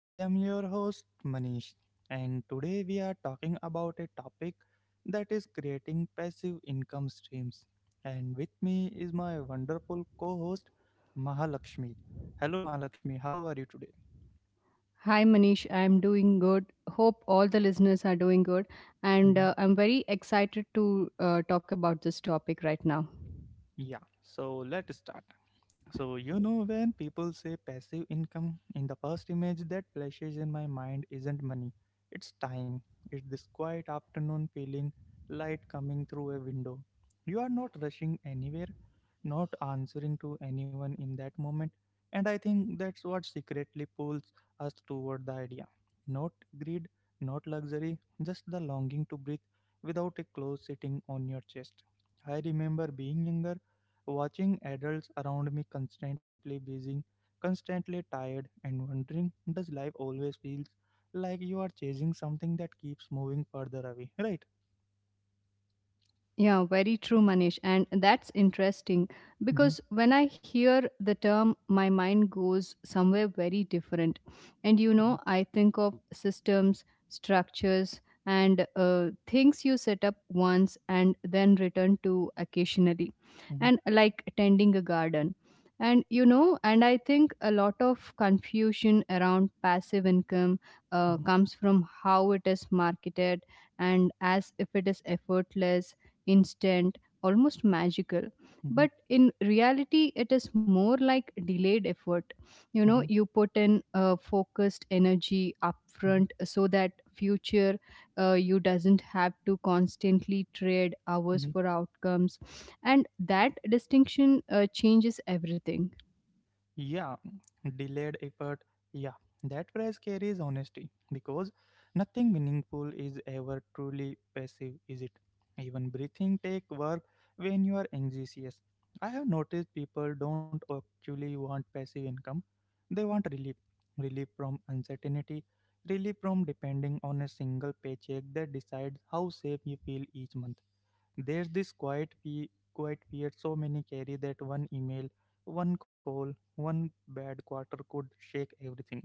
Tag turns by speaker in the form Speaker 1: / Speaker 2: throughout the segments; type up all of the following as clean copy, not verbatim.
Speaker 1: I am your host, Manish, and today we are talking about a topic that is creating passive income streams. And with me is my wonderful co host, Mahalakshmi. Hello, Mahalakshmi, how are you today?
Speaker 2: Hi Manish, I'm doing good. Hope all the listeners are doing good. And I'm very excited to talk about this topic right now.
Speaker 1: Yeah, so let's start. So, you know, when people say passive income, in the first image that flashes in my mind isn't money, it's time. It's this quiet afternoon feeling, light coming through a window. You are not rushing anywhere, not answering to anyone in that moment. And I think that's what secretly pulls us toward the idea. Not greed, not luxury, just the longing to breathe without a clothes sitting on your chest. I remember being younger watching adults around me constantly busy, constantly tired, and wondering does life always feels like you are chasing something that keeps moving further away, right?
Speaker 2: Yeah, very true, Manish. And that's interesting
Speaker 1: Mm-hmm,
Speaker 2: because when I hear the term, my mind goes somewhere very different.
Speaker 1: mm-hmm,
Speaker 2: I think of systems, structures, and things you set up once and then return to occasionally,
Speaker 1: mm-hmm,
Speaker 2: and like tending a garden. And you know, and I think a lot of confusion around passive income
Speaker 1: mm-hmm,
Speaker 2: comes from how it is marketed and as if it is effortless instant, almost magical.
Speaker 1: mm-hmm,
Speaker 2: But in reality, it is more like delayed effort. You
Speaker 1: mm-hmm,
Speaker 2: know, you put in focused energy upfront so that future you doesn't have to constantly trade hours
Speaker 1: Mm-hmm.
Speaker 2: for outcomes, and that distinction changes everything.
Speaker 1: Yeah, delayed effort. Yeah, that phrase carries honesty because nothing meaningful is ever truly passive, is it? Even breathing take work when you are anxious. I have noticed people don't actually want passive income. They want relief. Relief from uncertainty, relief from depending on a single paycheck that decides how safe you feel each month. There's this quiet, quiet fear so many carry that one email, one call, one bad quarter could shake everything.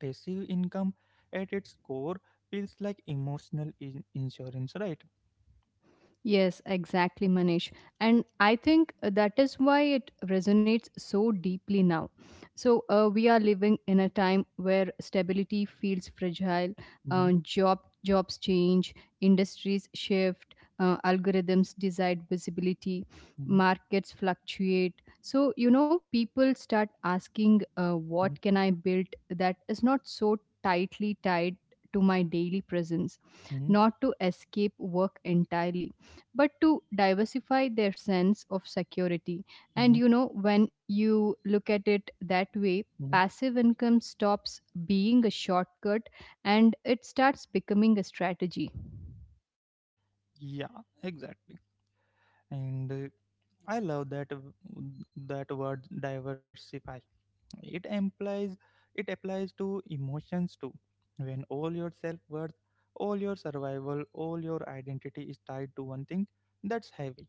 Speaker 1: Passive income at its core feels like emotional insurance, right?
Speaker 2: Yes, exactly, Manish. And I think that is why it resonates so deeply now. So, we are living in a time where stability feels fragile,
Speaker 1: hmm
Speaker 2: jobs change, industries shift, algorithms decide visibility,
Speaker 1: hmm
Speaker 2: markets fluctuate. So, you know, people start asking,
Speaker 1: hmm
Speaker 2: what can I build that is not so tightly tied to my daily presence,
Speaker 1: hmm
Speaker 2: not to escape work entirely but to diversify their sense of security. And
Speaker 1: hmm
Speaker 2: you know, when you look at it that way,
Speaker 1: hmm
Speaker 2: passive income stops being a shortcut and it starts becoming a strategy.
Speaker 1: Yeah, exactly. And I love that that word diversify. It implies it applies to emotions too. When all your self worth, all your survival, all your identity is tied to one thing, that's heavy.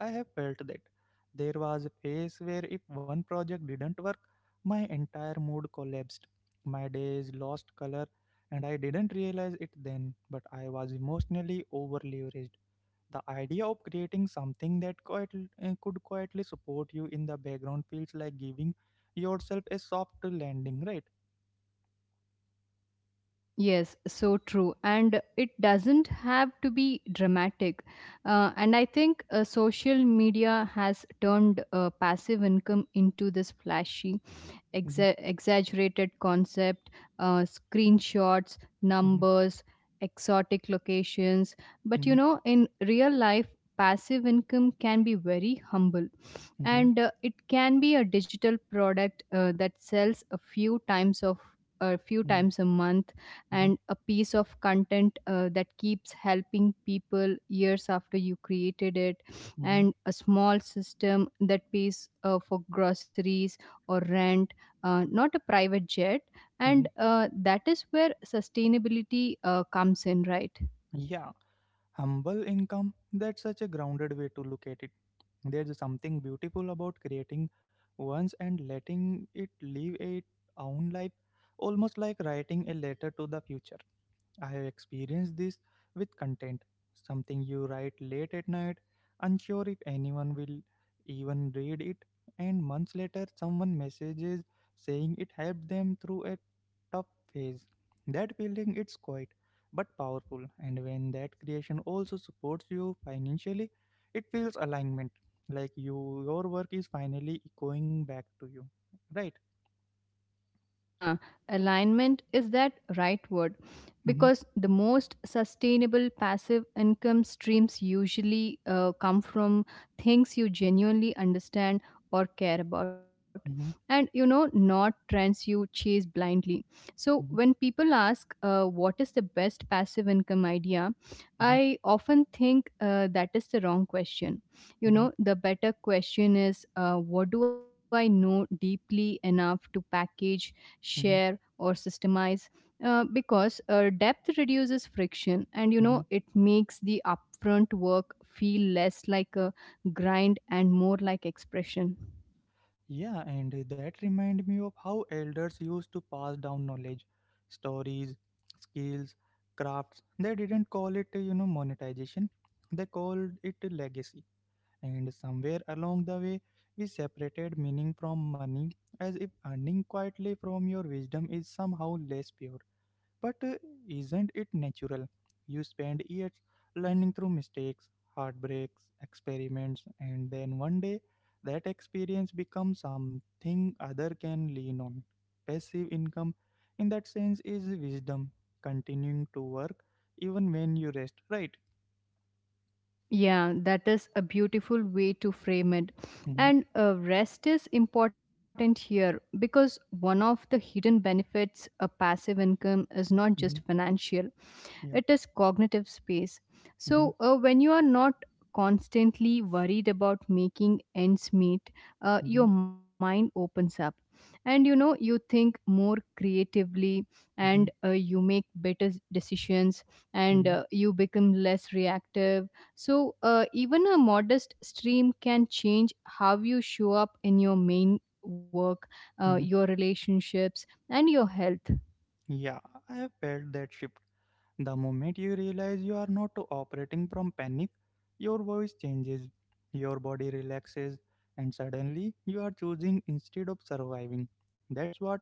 Speaker 1: I have felt that. There was a phase where if one project didn't work, my entire mood collapsed. My days lost color, and I didn't realize it then, but I was emotionally over leveraged. The idea of creating something that could quietly support you in the background feels like giving yourself a soft landing, right?
Speaker 2: Yes, so true. And it doesn't have to be dramatic. And I think social media has turned passive income into this flashy
Speaker 1: Mhm,
Speaker 2: exaggerated concept, screenshots,
Speaker 1: mhm,
Speaker 2: numbers, exotic locations. But
Speaker 1: mhm,
Speaker 2: you know, in real life, passive income can be very humble
Speaker 1: mhm,
Speaker 2: and it can be a digital product that sells a few times of a few
Speaker 1: mhm,
Speaker 2: times a month
Speaker 1: mhm,
Speaker 2: and a piece of content that keeps helping people years after you created it,
Speaker 1: mhm,
Speaker 2: and a small system that pays for groceries or rent, not a private jet,
Speaker 1: mhm.
Speaker 2: and that is where sustainability comes in, right?
Speaker 1: Yeah, humble income, that's such a grounded way to look at it. There's something beautiful about creating once and letting it live its own life, almost like writing a letter to the future. I have experienced this with content, something you write late at night, unsure if anyone will even read it, and months later someone messages saying it helped them through a tough phase. That feeling it's quite but powerful, and when that creation also supports you financially, it feels alignment, like your work is finally echoing back to you, right?
Speaker 2: Yeah, alignment is that right word,
Speaker 1: Mm-hmm,
Speaker 2: because the most sustainable passive income streams usually come from things you genuinely understand or care about,
Speaker 1: mm-hmm,
Speaker 2: and you know, not trends you chase blindly. So when people ask, what is the best passive income idea,
Speaker 1: mm-hmm,
Speaker 2: I often think that is the wrong question. You know, the better question is, what do I know deeply enough to package, share,
Speaker 1: mm-hmm,
Speaker 2: or systemize? Because depth reduces friction, and you know,
Speaker 1: mm-hmm,
Speaker 2: it makes the upfront work feel less like a grind and more like expression.
Speaker 1: Yeah, and that remind me of how elders used to pass down knowledge, stories, skills, crafts. They didn't call it, you know, monetization. They called it a legacy. And somewhere along the way, we separated meaning from money as if earning quietly from your wisdom is somehow less pure. But isn't it natural? You spend years learning through mistakes, heartbreaks, experiments, and then one day that experience becomes something other can lean on. Passive income, in that sense, is wisdom, continuing to work even when you rest, right?
Speaker 2: Yeah, that is a beautiful way to frame it.
Speaker 1: Mm-hmm,
Speaker 2: And rest is important here, because one of the hidden benefits of passive income is not just
Speaker 1: mm-hmm,
Speaker 2: financial, it
Speaker 1: yeah.
Speaker 2: is cognitive space.
Speaker 1: Mm-hmm,
Speaker 2: So when you are not constantly worried about making ends meet,
Speaker 1: mm-hmm,
Speaker 2: your mind opens up, and you know, you think more creatively,
Speaker 1: mm-hmm,
Speaker 2: and you make decisions, and
Speaker 1: mm-hmm,
Speaker 2: you become less reactive. So even a modest stream can change how you show up in your main work,
Speaker 1: mm-hmm.
Speaker 2: your relationships, and your health.
Speaker 1: Yeah, I have felt that shift. The moment you realize you are not operating from panic, your voice changes, your body relaxes, and suddenly you are choosing instead of surviving. That's what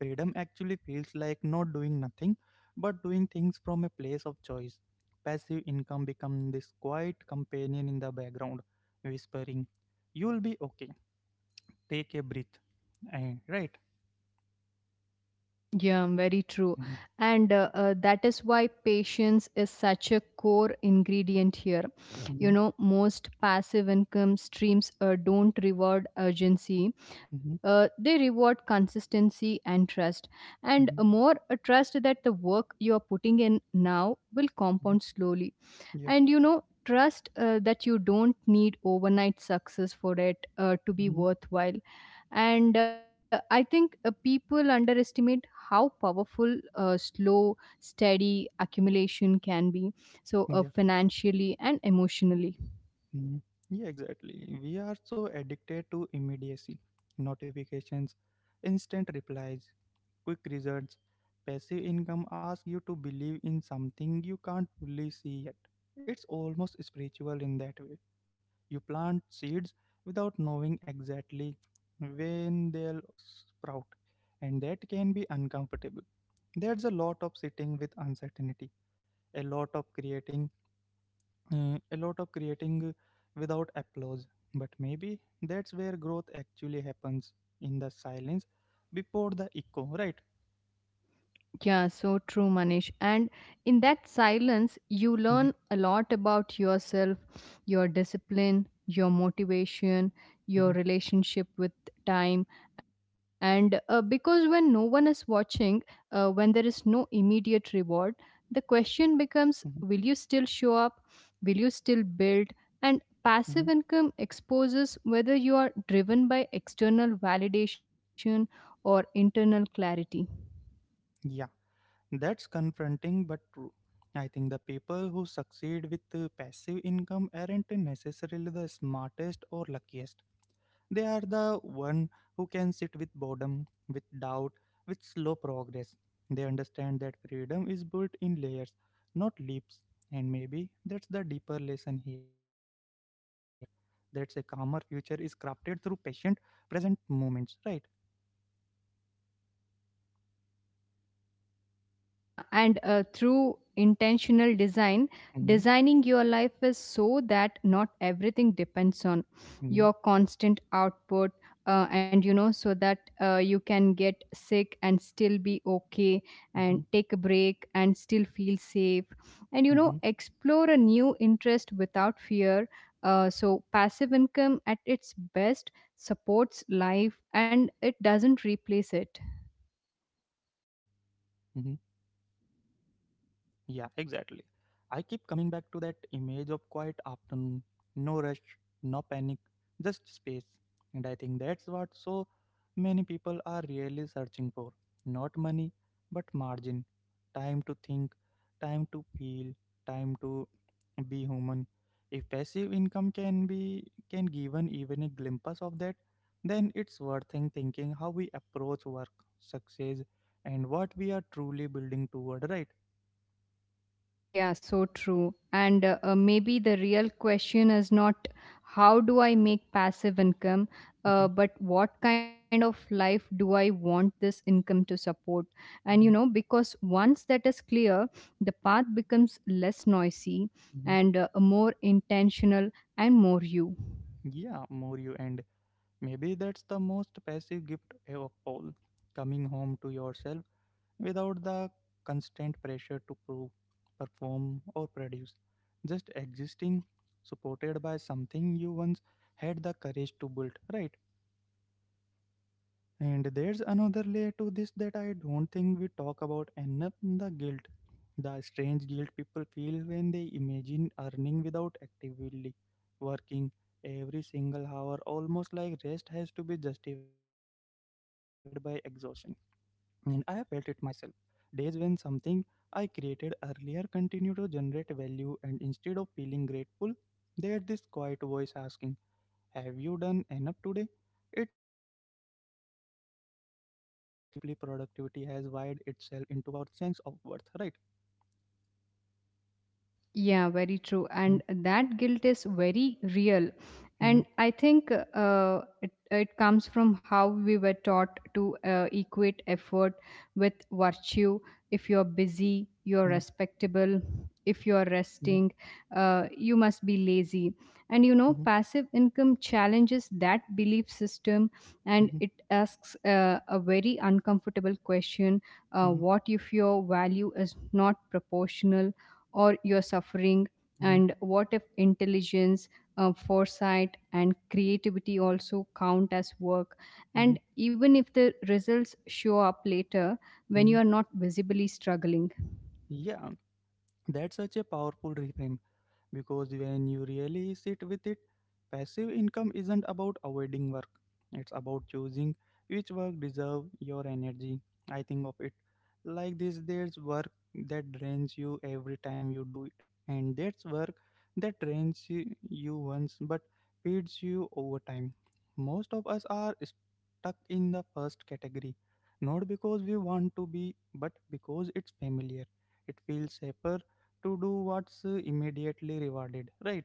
Speaker 1: freedom actually feels like, not doing nothing but doing things from a place of choice. Passive income becomes this quiet companion in the background, whispering, "You'll be okay, take a breath." Eh, right?
Speaker 2: Yeah, very true.
Speaker 1: Mhm,
Speaker 2: And that is why patience is such a core ingredient here. You
Speaker 1: mhm,
Speaker 2: know, most passive income streams don't reward urgency,
Speaker 1: mhm,
Speaker 2: they reward consistency and trust. And
Speaker 1: mhm,
Speaker 2: a more a trust that the work you are putting in now will compound
Speaker 1: mhm.
Speaker 2: slowly.
Speaker 1: Yeah.
Speaker 2: And you know, trust that you don't need overnight success for it to be
Speaker 1: mhm,
Speaker 2: worthwhile. And I think people underestimate how powerful slow steady accumulation can be, so
Speaker 1: Yeah.
Speaker 2: financially and emotionally.
Speaker 1: Mm, Yeah, exactly. We are so addicted to immediacy, notifications, instant replies, quick results. Passive income asks you to believe in something you can't fully see yet. It's almost spiritual in that way. You plant seeds without knowing exactly when they'll sprout, and that can be uncomfortable. There's a lot of sitting with uncertainty, a lot of creating a lot of creating without applause. But maybe that's where growth actually happens in the silence before the echo, right?
Speaker 2: Yeah, so true, Manish. And in that silence, you
Speaker 1: Mhm,
Speaker 2: learn a lot about yourself, your discipline, your motivation,
Speaker 1: mhm,
Speaker 2: your relationship with time. And because
Speaker 1: mhm,
Speaker 2: when no one is watching, when there is no immediate reward, the question
Speaker 1: mhm,
Speaker 2: becomes, will you still show up? Will you still build? And
Speaker 1: mhm.
Speaker 2: passive income exposes whether you are driven by external validation or internal clarity.
Speaker 1: Yeah, that's confronting but true. I think the people who succeed with passive income aren't necessarily the smartest or luckiest. They are the one who can sit with boredom, with doubt, with slow progress. They understand that freedom is built in layers, not leaps. And maybe that's the deeper lesson here. That's a calmer future is crafted through patient, present moments, right?
Speaker 2: Yeah, and through intentional design,
Speaker 1: Mm-hmm,
Speaker 2: designing your life is so that not everything depends on your constant output, and you know, so that you can get sick and still be okay, and
Speaker 1: mm-hmm,
Speaker 2: take a break and still feel safe, and you
Speaker 1: mm-hmm,
Speaker 2: know, explore a new interest without fear. So, passive income at its best supports life and it doesn't replace it.
Speaker 1: Yeah, exactly. I keep coming back to that image of quiet afternoon, no rush, no panic, just space. And I think that's what so many people are really searching for. Not money, but margin. Time to think, time to feel, time to be human. If passive income can be can given even a glimpse of that, then it's worth thinking how we approach work, success, and what we are truly building toward, right?
Speaker 2: Yeah, so true. And maybe the real question is not, how do I make passive income,
Speaker 1: Mhm,
Speaker 2: but what kind of life do I want this income to support? And you know,
Speaker 1: mhm,
Speaker 2: because once that is clear, the path becomes less noisy
Speaker 1: mhm.
Speaker 2: and more intentional and more you.
Speaker 1: Yeah, Moryu, and maybe that's the most passive gift of all coming home to yourself without the constant pressure to prove, perform, or produce. Just existing, supported by something you once had the courage to build, right? And there's another layer to this that I don't think we talk about enough, the guilt. The strange guilt people feel when they imagine earning without actively working every single hour, almost like rest has to be justified by exhaustion. And I have felt it myself. Days when something I created earlier continued to generate value, and instead of feeling grateful, there's this quiet voice asking have you done enough today? It's unsettling how deeply productivity has wired itself into our sense of worth, right?
Speaker 2: Yeah, very true.
Speaker 1: Mhm,
Speaker 2: And that guilt is very real.
Speaker 1: mhm,
Speaker 2: And I think it comes from how we were taught to equate effort with virtue. If you're busy,
Speaker 1: mhm,
Speaker 2: you're respectable. If you're
Speaker 1: mhm,
Speaker 2: resting, you must be lazy. And you know,
Speaker 1: mhm,
Speaker 2: passive income challenges that belief system, and
Speaker 1: mhm,
Speaker 2: it asks a very uncomfortable question,
Speaker 1: mhm,
Speaker 2: what if your value is not proportional? Or your suffering?
Speaker 1: mhm,
Speaker 2: And what if intelligence, foresight, and creativity also count as work,
Speaker 1: mhm,
Speaker 2: and even if the results show up later, when you
Speaker 1: mhm.
Speaker 2: are not visibly struggling?
Speaker 1: Yeah, that's such a powerful reframe. Because when you really sit with it, passive income isn't about avoiding work. It's about choosing which work deserve your energy. I think of it like this, there's work that drains you every time you do it, and there's work that you once but feeds you over time. Most of us are stuck in the first category, not because we want to be, but because it's familiar. It feels safer to do what's immediately rewarded, right?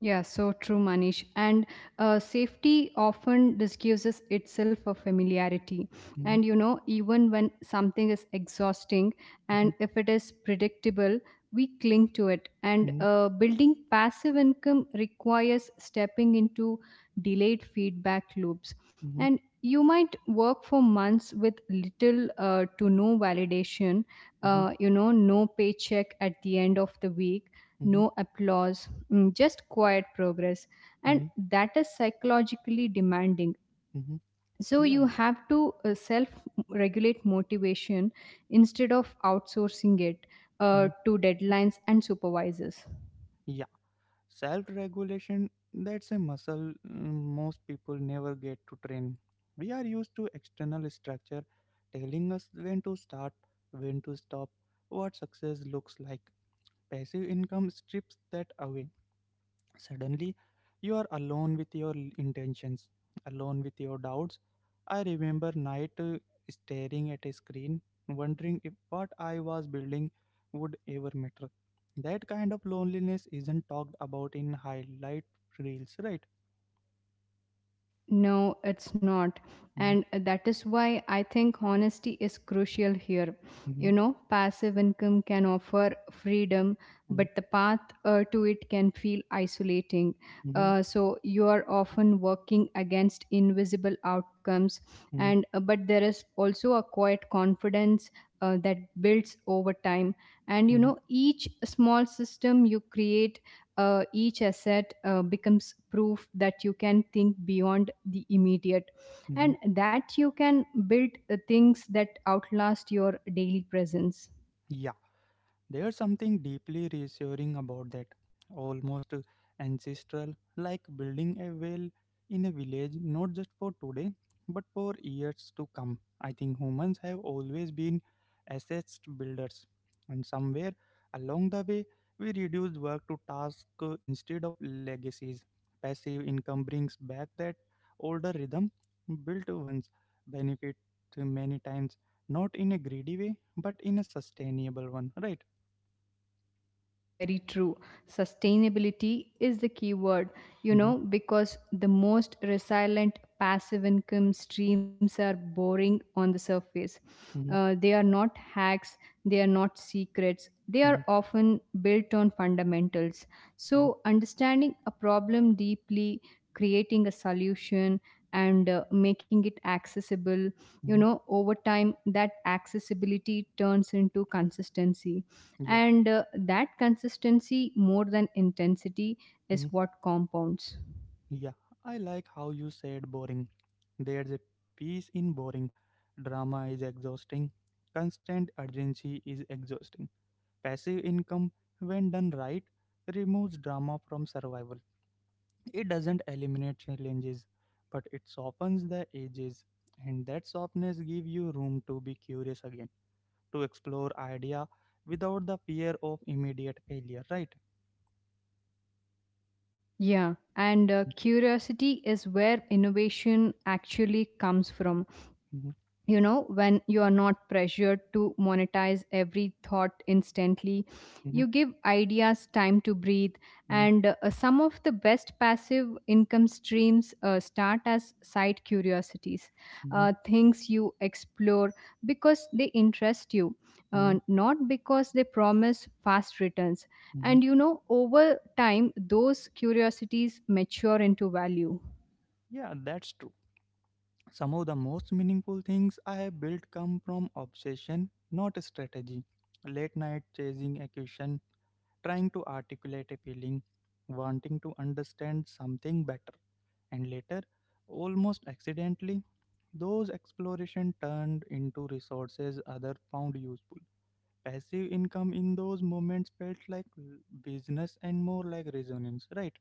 Speaker 2: Yeah, so true, Manish. And safety often disguises itself a familiarity.
Speaker 1: Mhm,
Speaker 2: And you know, even when something is exhausting, and
Speaker 1: mhm,
Speaker 2: if it is predictable, we cling to it. And
Speaker 1: mhm,
Speaker 2: uh, building passive income requires stepping into delayed feedback loops. And you might work for months with little to no validation,
Speaker 1: mhm,
Speaker 2: you know, no paycheck at the end of the week,
Speaker 1: mhm,
Speaker 2: no applause, just quiet progress.
Speaker 1: mhm,
Speaker 2: And
Speaker 1: mhm,
Speaker 2: that is psychologically demanding.
Speaker 1: mhm.
Speaker 2: So you
Speaker 1: Yeah.
Speaker 2: have to self regulate motivation instead of outsourcing it
Speaker 1: mhm.
Speaker 2: to deadlines and supervisors.
Speaker 1: Yeah. Self regulation, that's a muscle, mm, most people never get to train. We are used to external structure telling us when to start, when to stop, what success looks like. Passive income strips that away. Suddenly, you are alone with your intentions, alone with your doubts. I remember night staring at a screen, wondering if what I was building would ever matter. That kind of loneliness isn't talked about in highlight reels, right?
Speaker 2: No, it's not.
Speaker 1: Mm-hmm,
Speaker 2: And that is why I think honesty is crucial here. You
Speaker 1: hmm
Speaker 2: know, passive income can offer freedom, but the path to it can feel isolating.
Speaker 1: hmm
Speaker 2: So you are often working against invisible outcomes,
Speaker 1: hmm
Speaker 2: and but there is also a quiet confidence that builds over time. And you
Speaker 1: hmm
Speaker 2: know, each small system you create, each asset becomes proof that you can think beyond the immediate,
Speaker 1: hmm
Speaker 2: and that you can build things that outlast your daily presence.
Speaker 1: There's something deeply reassuring about that, almost ancestral, like building a well in a village not just for today but for years to come. I think humans have always been assessed builders, and somewhere along the way, we reduced work to task instead of legacies. Passive income brings back that older rhythm, built ones benefit many times, not in a greedy way but in a sustainable one, right?
Speaker 2: Yeah, very true. Sustainability is the key word, you
Speaker 1: Mhm,
Speaker 2: know, because the most resilient passive income streams are boring on the surface.
Speaker 1: mhm,
Speaker 2: They are not hacks, they are not secrets, they are
Speaker 1: mhm,
Speaker 2: often built on fundamentals.
Speaker 1: mhm,
Speaker 2: So, understanding a problem deeply, creating a solution, and making it accessible, you
Speaker 1: mhm.
Speaker 2: know, over time, that accessibility turns into consistency,
Speaker 1: Yeah,
Speaker 2: and that consistency, more than intensity,
Speaker 1: mhm,
Speaker 2: is what compounds.
Speaker 1: yeah. I like how you said boring. There's a peace in boring. Drama is exhausting. Constant urgency is exhausting. Passive income, when done right, removes drama from survival. It doesn't eliminate challenges, but it softens the edges. And that softness gives you room to be curious again, to explore idea without the fear of immediate failure, right?
Speaker 2: Yeah, and curiosity is where innovation actually comes from.
Speaker 1: Mhm,
Speaker 2: You know, when you are not pressured to monetize every thought instantly,
Speaker 1: mhm,
Speaker 2: you give ideas time to breathe.
Speaker 1: mhm,
Speaker 2: And some of the best passive income streams start as side curiosities,
Speaker 1: hmm
Speaker 2: things you explore because they interest you,
Speaker 1: hmm
Speaker 2: not because they promise fast returns.
Speaker 1: hmm
Speaker 2: And you know, over time those curiosities mature into value.
Speaker 1: Yeah, that's true. Some of the most meaningful things I have built come from obsession, not strategy. Late night chasing a question, trying to articulate a feeling, wanting to understand something better, and later, almost accidentally, those exploration turned into resources other found useful. Passive income in those moments felt like business and more like resonance, right?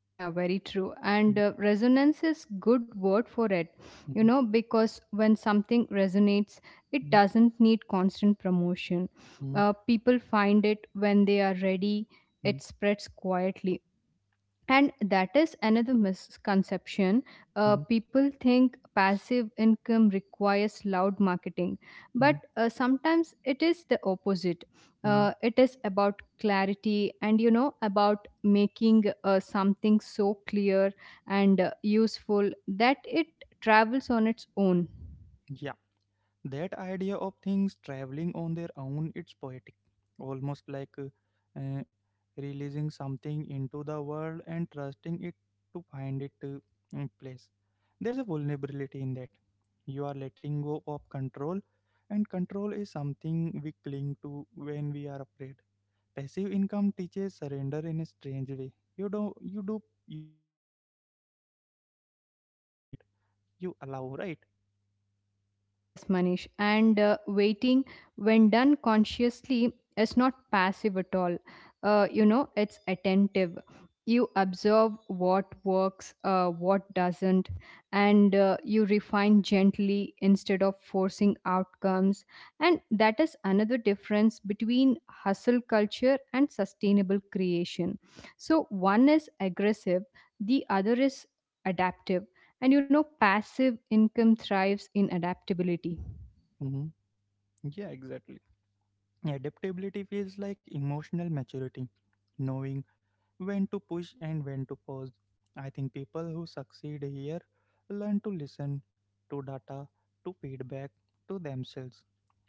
Speaker 2: Yeah, very true.
Speaker 1: Mm-hmm,
Speaker 2: And resonance is good word for it, you
Speaker 1: mm-hmm,
Speaker 2: know, because when something resonates, it doesn't need constant promotion.
Speaker 1: mm-hmm,
Speaker 2: People find it when they are ready.
Speaker 1: mm-hmm,
Speaker 2: It spreads quietly, and that is another misconception.
Speaker 1: mm-hmm,
Speaker 2: People think passive income requires loud marketing,
Speaker 1: mm-hmm.
Speaker 2: but sometimes it is the opposite.
Speaker 1: Mhm.
Speaker 2: It is about clarity, and you know, about making something so clear and useful that it travels on its own.
Speaker 1: Yeah, that idea of things traveling on their own, it's poetic, almost like uh, releasing something into the world and trusting it to find place. There's a vulnerability in that. You are letting go of control, and control is something we cling to when we are afraid. Passive income teaches surrender in a strange way. You do your part, then you wait, you allow, right?
Speaker 2: Yes, Manish. And waiting, when done consciously, is not passive at all. You know, it's attentive. You observe what works, what doesn't, and you refine gently instead of forcing outcomes. And that is another difference between hustle culture and sustainable creation. So, one is aggressive, the other is adaptive, and you know, passive income thrives in adaptability.
Speaker 1: hmm Yeah, exactly. Adaptability feels like emotional maturity, knowing when to push and when to pause. I think people who succeed here learn to listen to data, to feedback, to themselves.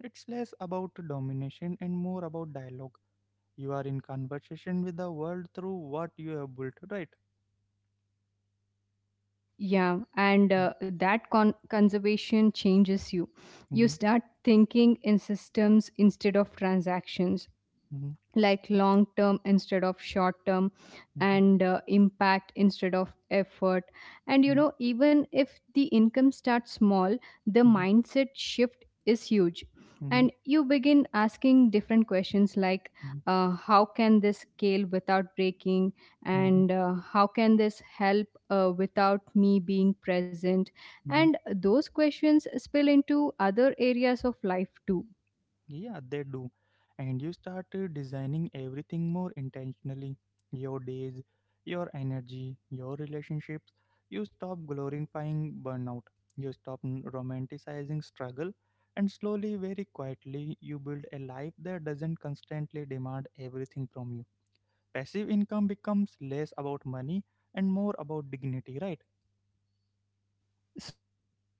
Speaker 1: It's less about domination and more about dialogue. You are in conversation with the world through what you have built, right?
Speaker 2: Yeah, and that conservation changes you. You
Speaker 1: Mhm,
Speaker 2: start thinking in systems instead of transactions,
Speaker 1: mhm,
Speaker 2: like long term instead of short term,
Speaker 1: mhm,
Speaker 2: and impact instead of effort. And you
Speaker 1: mhm,
Speaker 2: know, even if the income starts small, the
Speaker 1: mhm,
Speaker 2: mindset shift is huge, and
Speaker 1: mhm,
Speaker 2: you begin asking different questions like,
Speaker 1: mhm,
Speaker 2: how can this scale without breaking,
Speaker 1: mhm,
Speaker 2: and how can this help without me being present? And
Speaker 1: mhm,
Speaker 2: those questions spill into other areas of life too.
Speaker 1: Yeah, they do. And you start designing everything more intentionally your days, your energy, your relationships. You stop glorifying burnout. You stop romanticizing struggle. And slowly, very quietly, you build a life that doesn't constantly demand everything from you. Passive income becomes less about money and more about dignity, right?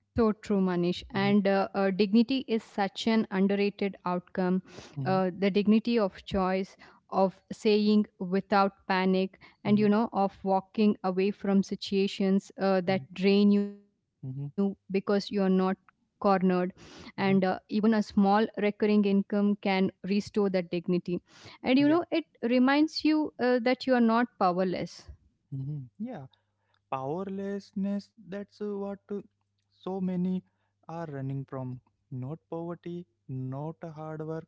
Speaker 2: So true, Manish.
Speaker 1: Mm-hmm,
Speaker 2: And dignity is such an underrated outcome.
Speaker 1: mm-hmm,
Speaker 2: The dignity of choice, of saying without panic,
Speaker 1: mm-hmm,
Speaker 2: and you know, of walking away from situations that drain you
Speaker 1: mm-hmm,
Speaker 2: because you're not cornered. And
Speaker 1: mm-hmm.
Speaker 2: uh, even a small recurring income can restore that dignity. And
Speaker 1: Yeah.
Speaker 2: you know, it reminds you that you are not powerless.
Speaker 1: Mm-hmm. Yeah, powerlessness, that's what so many are running from, not poverty, not hard work,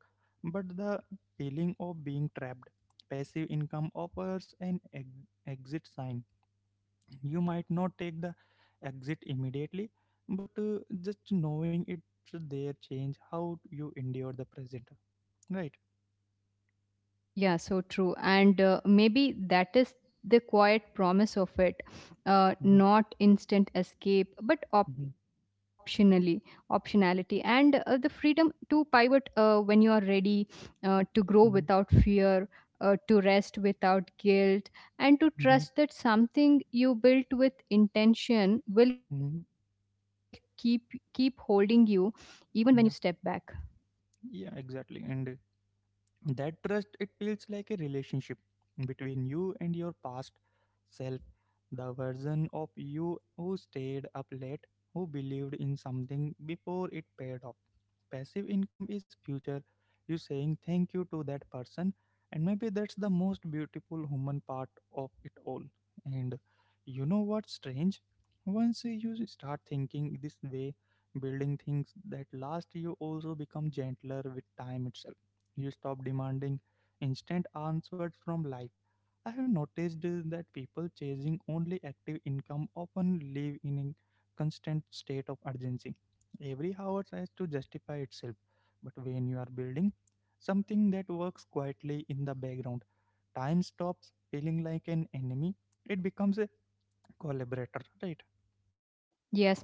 Speaker 1: but the feeling of being trapped. Passive income offers an exit sign. You might not take the exit immediately, but just knowing it's there change how you endure the present, right?
Speaker 2: Yeah, so true. And Maybe that is the quiet promise of it,
Speaker 1: Mm-hmm,
Speaker 2: not instant escape but
Speaker 1: mm-hmm,
Speaker 2: optionally optionality and the freedom to pivot when you are ready, to grow
Speaker 1: mm-hmm,
Speaker 2: without fear, to rest without guilt, and to
Speaker 1: mm-hmm,
Speaker 2: trust that something you built with intention will
Speaker 1: mm-hmm.
Speaker 2: keep holding you even when you step back.
Speaker 1: Yeah, exactly. And that trust, it feels like a relationship between you and your past self, the version of you who stayed up late, who believed in something before it paid off. Passive income is future. You saying thank you to that person, and maybe that's the most beautiful human part of it all. And you know what's strange? Once you start thinking this way, building things that last, you also become gentler with time itself. You stop demanding instant answers from life. I have noticed that people chasing only active income often live in a constant state of urgency. Every hour has to justify itself. But when you are building something that works quietly in the background, time stops feeling like an enemy. It becomes a collaborator, right?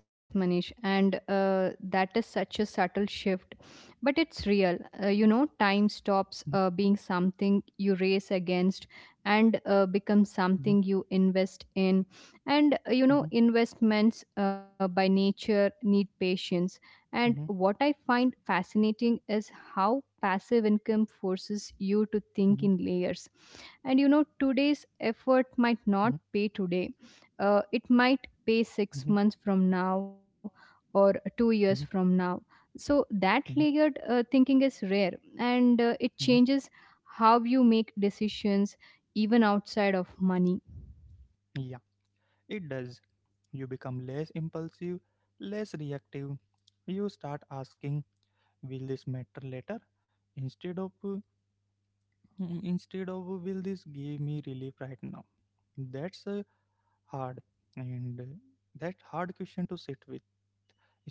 Speaker 2: Yes, Manish, and that is such a subtle shift, but it's real. You know, time
Speaker 1: Mhm,
Speaker 2: stops being something you race against and becomes
Speaker 1: mhm,
Speaker 2: something you invest in. And you
Speaker 1: mhm,
Speaker 2: know, investments by nature need patience. And
Speaker 1: mhm,
Speaker 2: what I find fascinating is how passive income
Speaker 1: mhm,
Speaker 2: forces you to think in layers. And you know, today's
Speaker 1: mhm,
Speaker 2: effort might not pay today, it might
Speaker 1: mhm,
Speaker 2: pay 6 months from now or two
Speaker 1: mhm,
Speaker 2: years from now. So that layered thinking is rare, and it
Speaker 1: mhm,
Speaker 2: changes how you make decisions even outside of money.
Speaker 1: mhm. It does. You become less impulsive, less reactive. You start asking, will this matter later? Instead of uh, instead of will this give me relief right now? That's hard, and that hard question to sit with,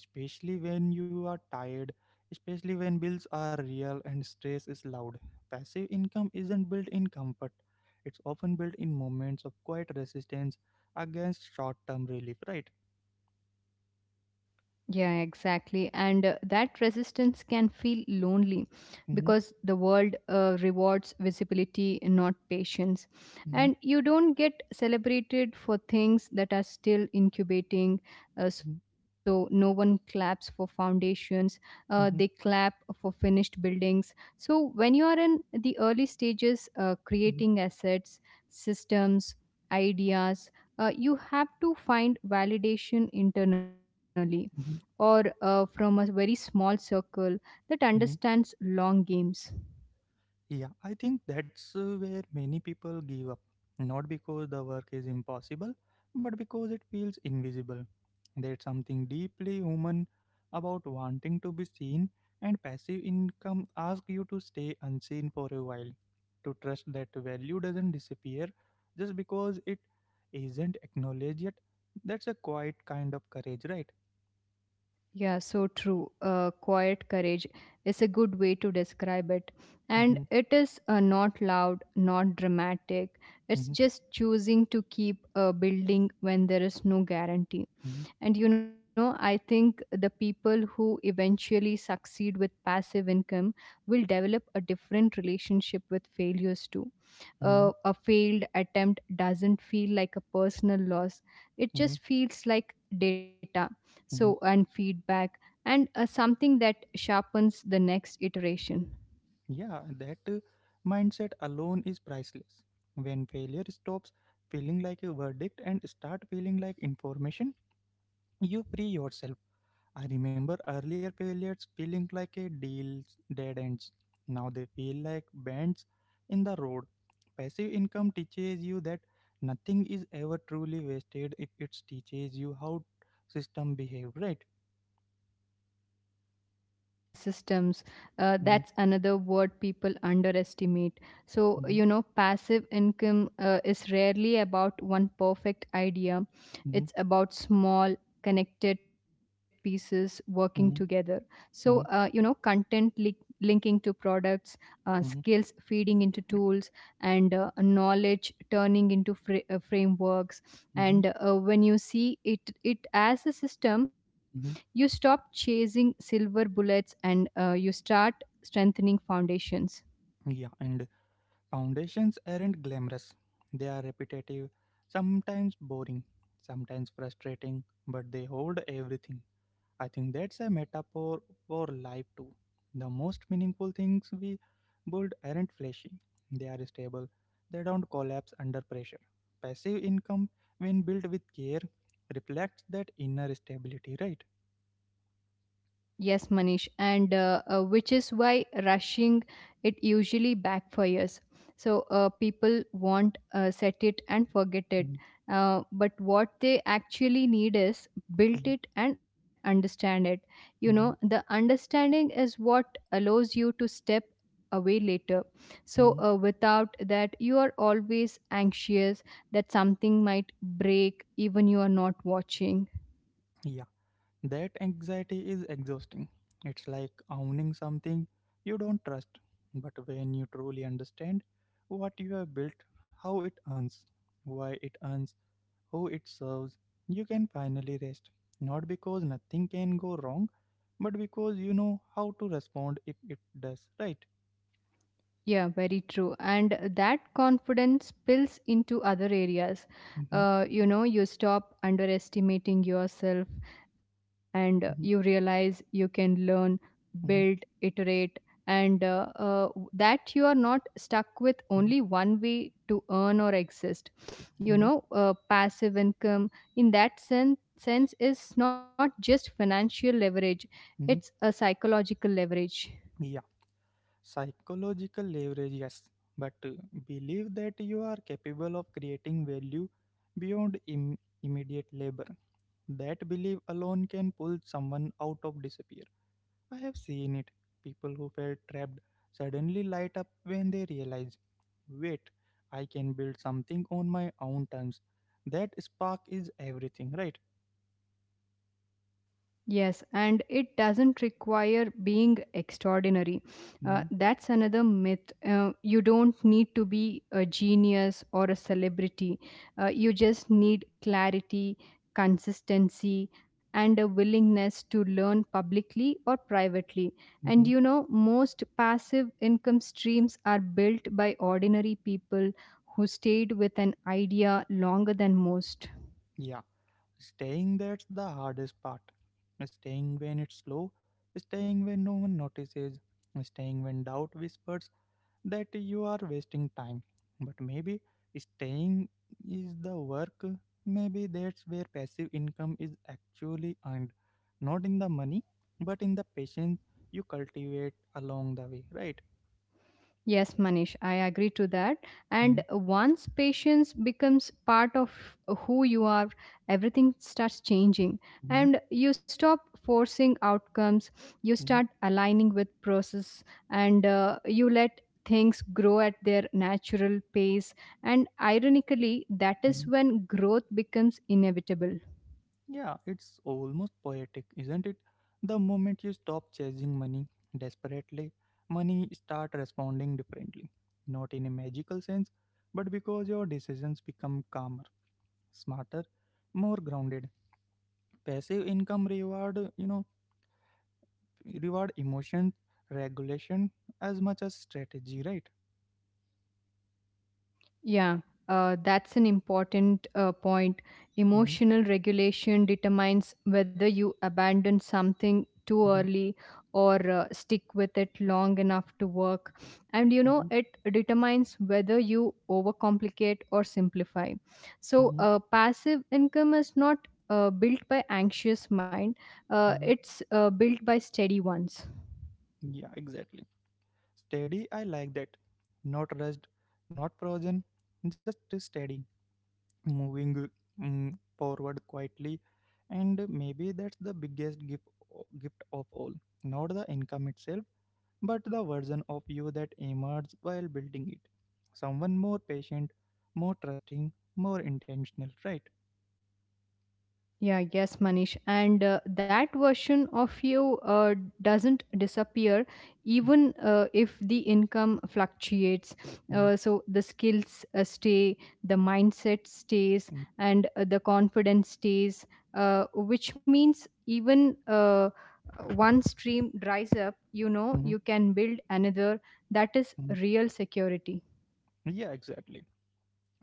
Speaker 1: especially when you are tired, especially when bills are real and stress is loud. Passive income isn't built in comfort. It's often built in moments of quiet resistance against short-term relief, right?
Speaker 2: Yeah, exactly. And that resistance can feel lonely
Speaker 1: Mhm,
Speaker 2: because the world rewards visibility, not patience. And
Speaker 1: mhm,
Speaker 2: you don't get celebrated for things that are still incubating. Uh,
Speaker 1: mhm,
Speaker 2: so no one claps for foundations, they
Speaker 1: mhm,
Speaker 2: clap for finished buildings. So when you are in the early stages,
Speaker 1: mhm,
Speaker 2: creating assets, systems, ideas, you have to find validation internally or
Speaker 1: mhm,
Speaker 2: from a very small circle that
Speaker 1: mhm.
Speaker 2: understands long games.
Speaker 1: Yeah, I think that's where many people give up. Not because the work is impossible, but because it feels invisible. There's something deeply human about wanting to be seen, and passive income asks you to stay unseen for a while. To trust that value doesn't disappear just because it isn't acknowledged yet. That's a quiet kind of courage, right?
Speaker 2: Yeah, so true. Quiet courage is a good way to describe it. And
Speaker 1: Mm-hmm,
Speaker 2: it is, not loud, not dramatic. It's
Speaker 1: mm-hmm,
Speaker 2: just choosing to keep building when there is no guarantee. And you know, I think the people who eventually succeed with passive income will develop a different relationship with failures too.
Speaker 1: mm-hmm,
Speaker 2: A failed attempt doesn't feel like a personal loss, it
Speaker 1: mm-hmm.
Speaker 2: just feels like data, so, and feedback, and something that sharpens the next iteration.
Speaker 1: Yeah, that mindset alone is priceless. When failure stops feeling like a verdict and start feeling like information, you free yourself. I remember earlier failures feeling like a deals dead ends. Now they feel like bends in the road. Passive income teaches you that nothing is ever truly wasted if it teaches you how system behave, right?
Speaker 2: Yeah, systems,
Speaker 1: Mm-hmm,
Speaker 2: that's another word people underestimate. So
Speaker 1: mm-hmm,
Speaker 2: you know, passive income is rarely about one perfect idea, it's about small connected pieces working together.
Speaker 1: hmm,
Speaker 2: So, you
Speaker 1: hmm,
Speaker 2: know, linking to products, skills feeding into tools, and knowledge turning into frameworks.
Speaker 1: hmm,
Speaker 2: And when you see it as a system, you
Speaker 1: hmm.
Speaker 2: stop chasing silver bullets and you start strengthening foundations.
Speaker 1: Yeah. And foundations aren't glamorous. They are repetitive, sometimes boring, sometimes frustrating, but they hold everything. I think that's a metaphor for life too. The most meaningful things we build aren't flashy, they are stable, they don't collapse under pressure. Passive income, when built with care, reflects that inner stability, right?
Speaker 2: Yes, Manish, and which is why rushing it usually backfires. So people want set it and forget it,
Speaker 1: Mm-hmm.
Speaker 2: but what they actually need is build it and understand it. You know, the
Speaker 1: Mm-hmm.
Speaker 2: understanding is what allows you to step away later. So
Speaker 1: Mm-hmm.
Speaker 2: without that, you are always anxious that something might break, even you are not watching.
Speaker 1: Yeah. That anxiety is exhausting. It's like owning something you don't trust. But when you truly understand what you have built, how it earns, why it earns, who it serves, you can finally rest. Not because nothing can go wrong, but because you know how to respond if it does, right?
Speaker 2: Yeah, very true. And that confidence spills into other areas.
Speaker 1: Mm-hmm,
Speaker 2: You know, you stop underestimating yourself and you
Speaker 1: mm-hmm,
Speaker 2: realize you can learn, build,
Speaker 1: mm-hmm,
Speaker 2: iterate, and that you are not stuck with
Speaker 1: mm-hmm,
Speaker 2: only one way to earn or exist. You
Speaker 1: mm-hmm.
Speaker 2: know, passive income in that sense is not just financial leverage, it's
Speaker 1: Mm-hmm.
Speaker 2: a psychological leverage.
Speaker 1: Yeah. Psychological leverage, yes, but believe that you are capable of creating value beyond immediate labor. That belief alone can pull someone out of despair. I have seen it. People who felt trapped suddenly light up when they realize, wait, I can build something on my own terms. That spark is everything, right?
Speaker 2: Yes, and it doesn't require being extraordinary.
Speaker 1: Mm-hmm.
Speaker 2: That's another myth. You don't need to be a genius or a celebrity. You just need clarity, consistency, and a willingness to learn publicly or privately. And
Speaker 1: Mm-hmm.
Speaker 2: you know, most passive income streams are built by ordinary people who stayed with an idea longer than most.
Speaker 1: Yeah. Staying, that's the hardest part. Staying when it's slow, staying when no one notices, staying when doubt whispers that you are wasting time. But maybe staying is the work, maybe that's where passive income is actually earned. Not in the money, but in the patience you cultivate along the way, right?
Speaker 2: Yes, Manish, I agree to that. And once patience becomes part of who you are, everything starts changing.
Speaker 1: Mm-hmm.
Speaker 2: And you stop forcing outcomes, you start aligning with process, and you let things grow at their natural pace. And ironically, that is when growth becomes inevitable.
Speaker 1: Yeah, it's almost poetic, isn't it? The moment you stop chasing money desperately, money start responding differently. Not in a magical sense, but because your decisions become calmer, smarter, more grounded. Passive income reward, you know, reward emotion regulation as much as strategy, right?
Speaker 2: Yeah, that's an important point.
Speaker 1: Mm-hmm,
Speaker 2: Emotional regulation determines whether you abandon something too
Speaker 1: mm-hmm,
Speaker 2: early or stick with it long enough to work. And you
Speaker 1: mm-hmm,
Speaker 2: know, it determines whether you overcomplicate or simplify. So,
Speaker 1: mm-hmm,
Speaker 2: passive income is not built by anxious mind, uh,
Speaker 1: mm-hmm.
Speaker 2: it's uh, built by steady ones.
Speaker 1: Yeah, exactly. Steady, I like that. Not rushed, not frozen, just steady moving forward quietly, and maybe that's the biggest gift of all, not the income itself, but the version of you that emerged while building it, someone more patient, more trusting, more intentional, right?
Speaker 2: Yeah, yes, Manish. And that version of you doesn't disappear even if the income fluctuates.
Speaker 1: Mhm,
Speaker 2: So the skills stay, the mindset stays,
Speaker 1: mhm,
Speaker 2: and the confidence stays, which means even one stream dries up, you know,
Speaker 1: mhm,
Speaker 2: you can build another. That is
Speaker 1: mhm.
Speaker 2: real security.
Speaker 1: Yeah, exactly.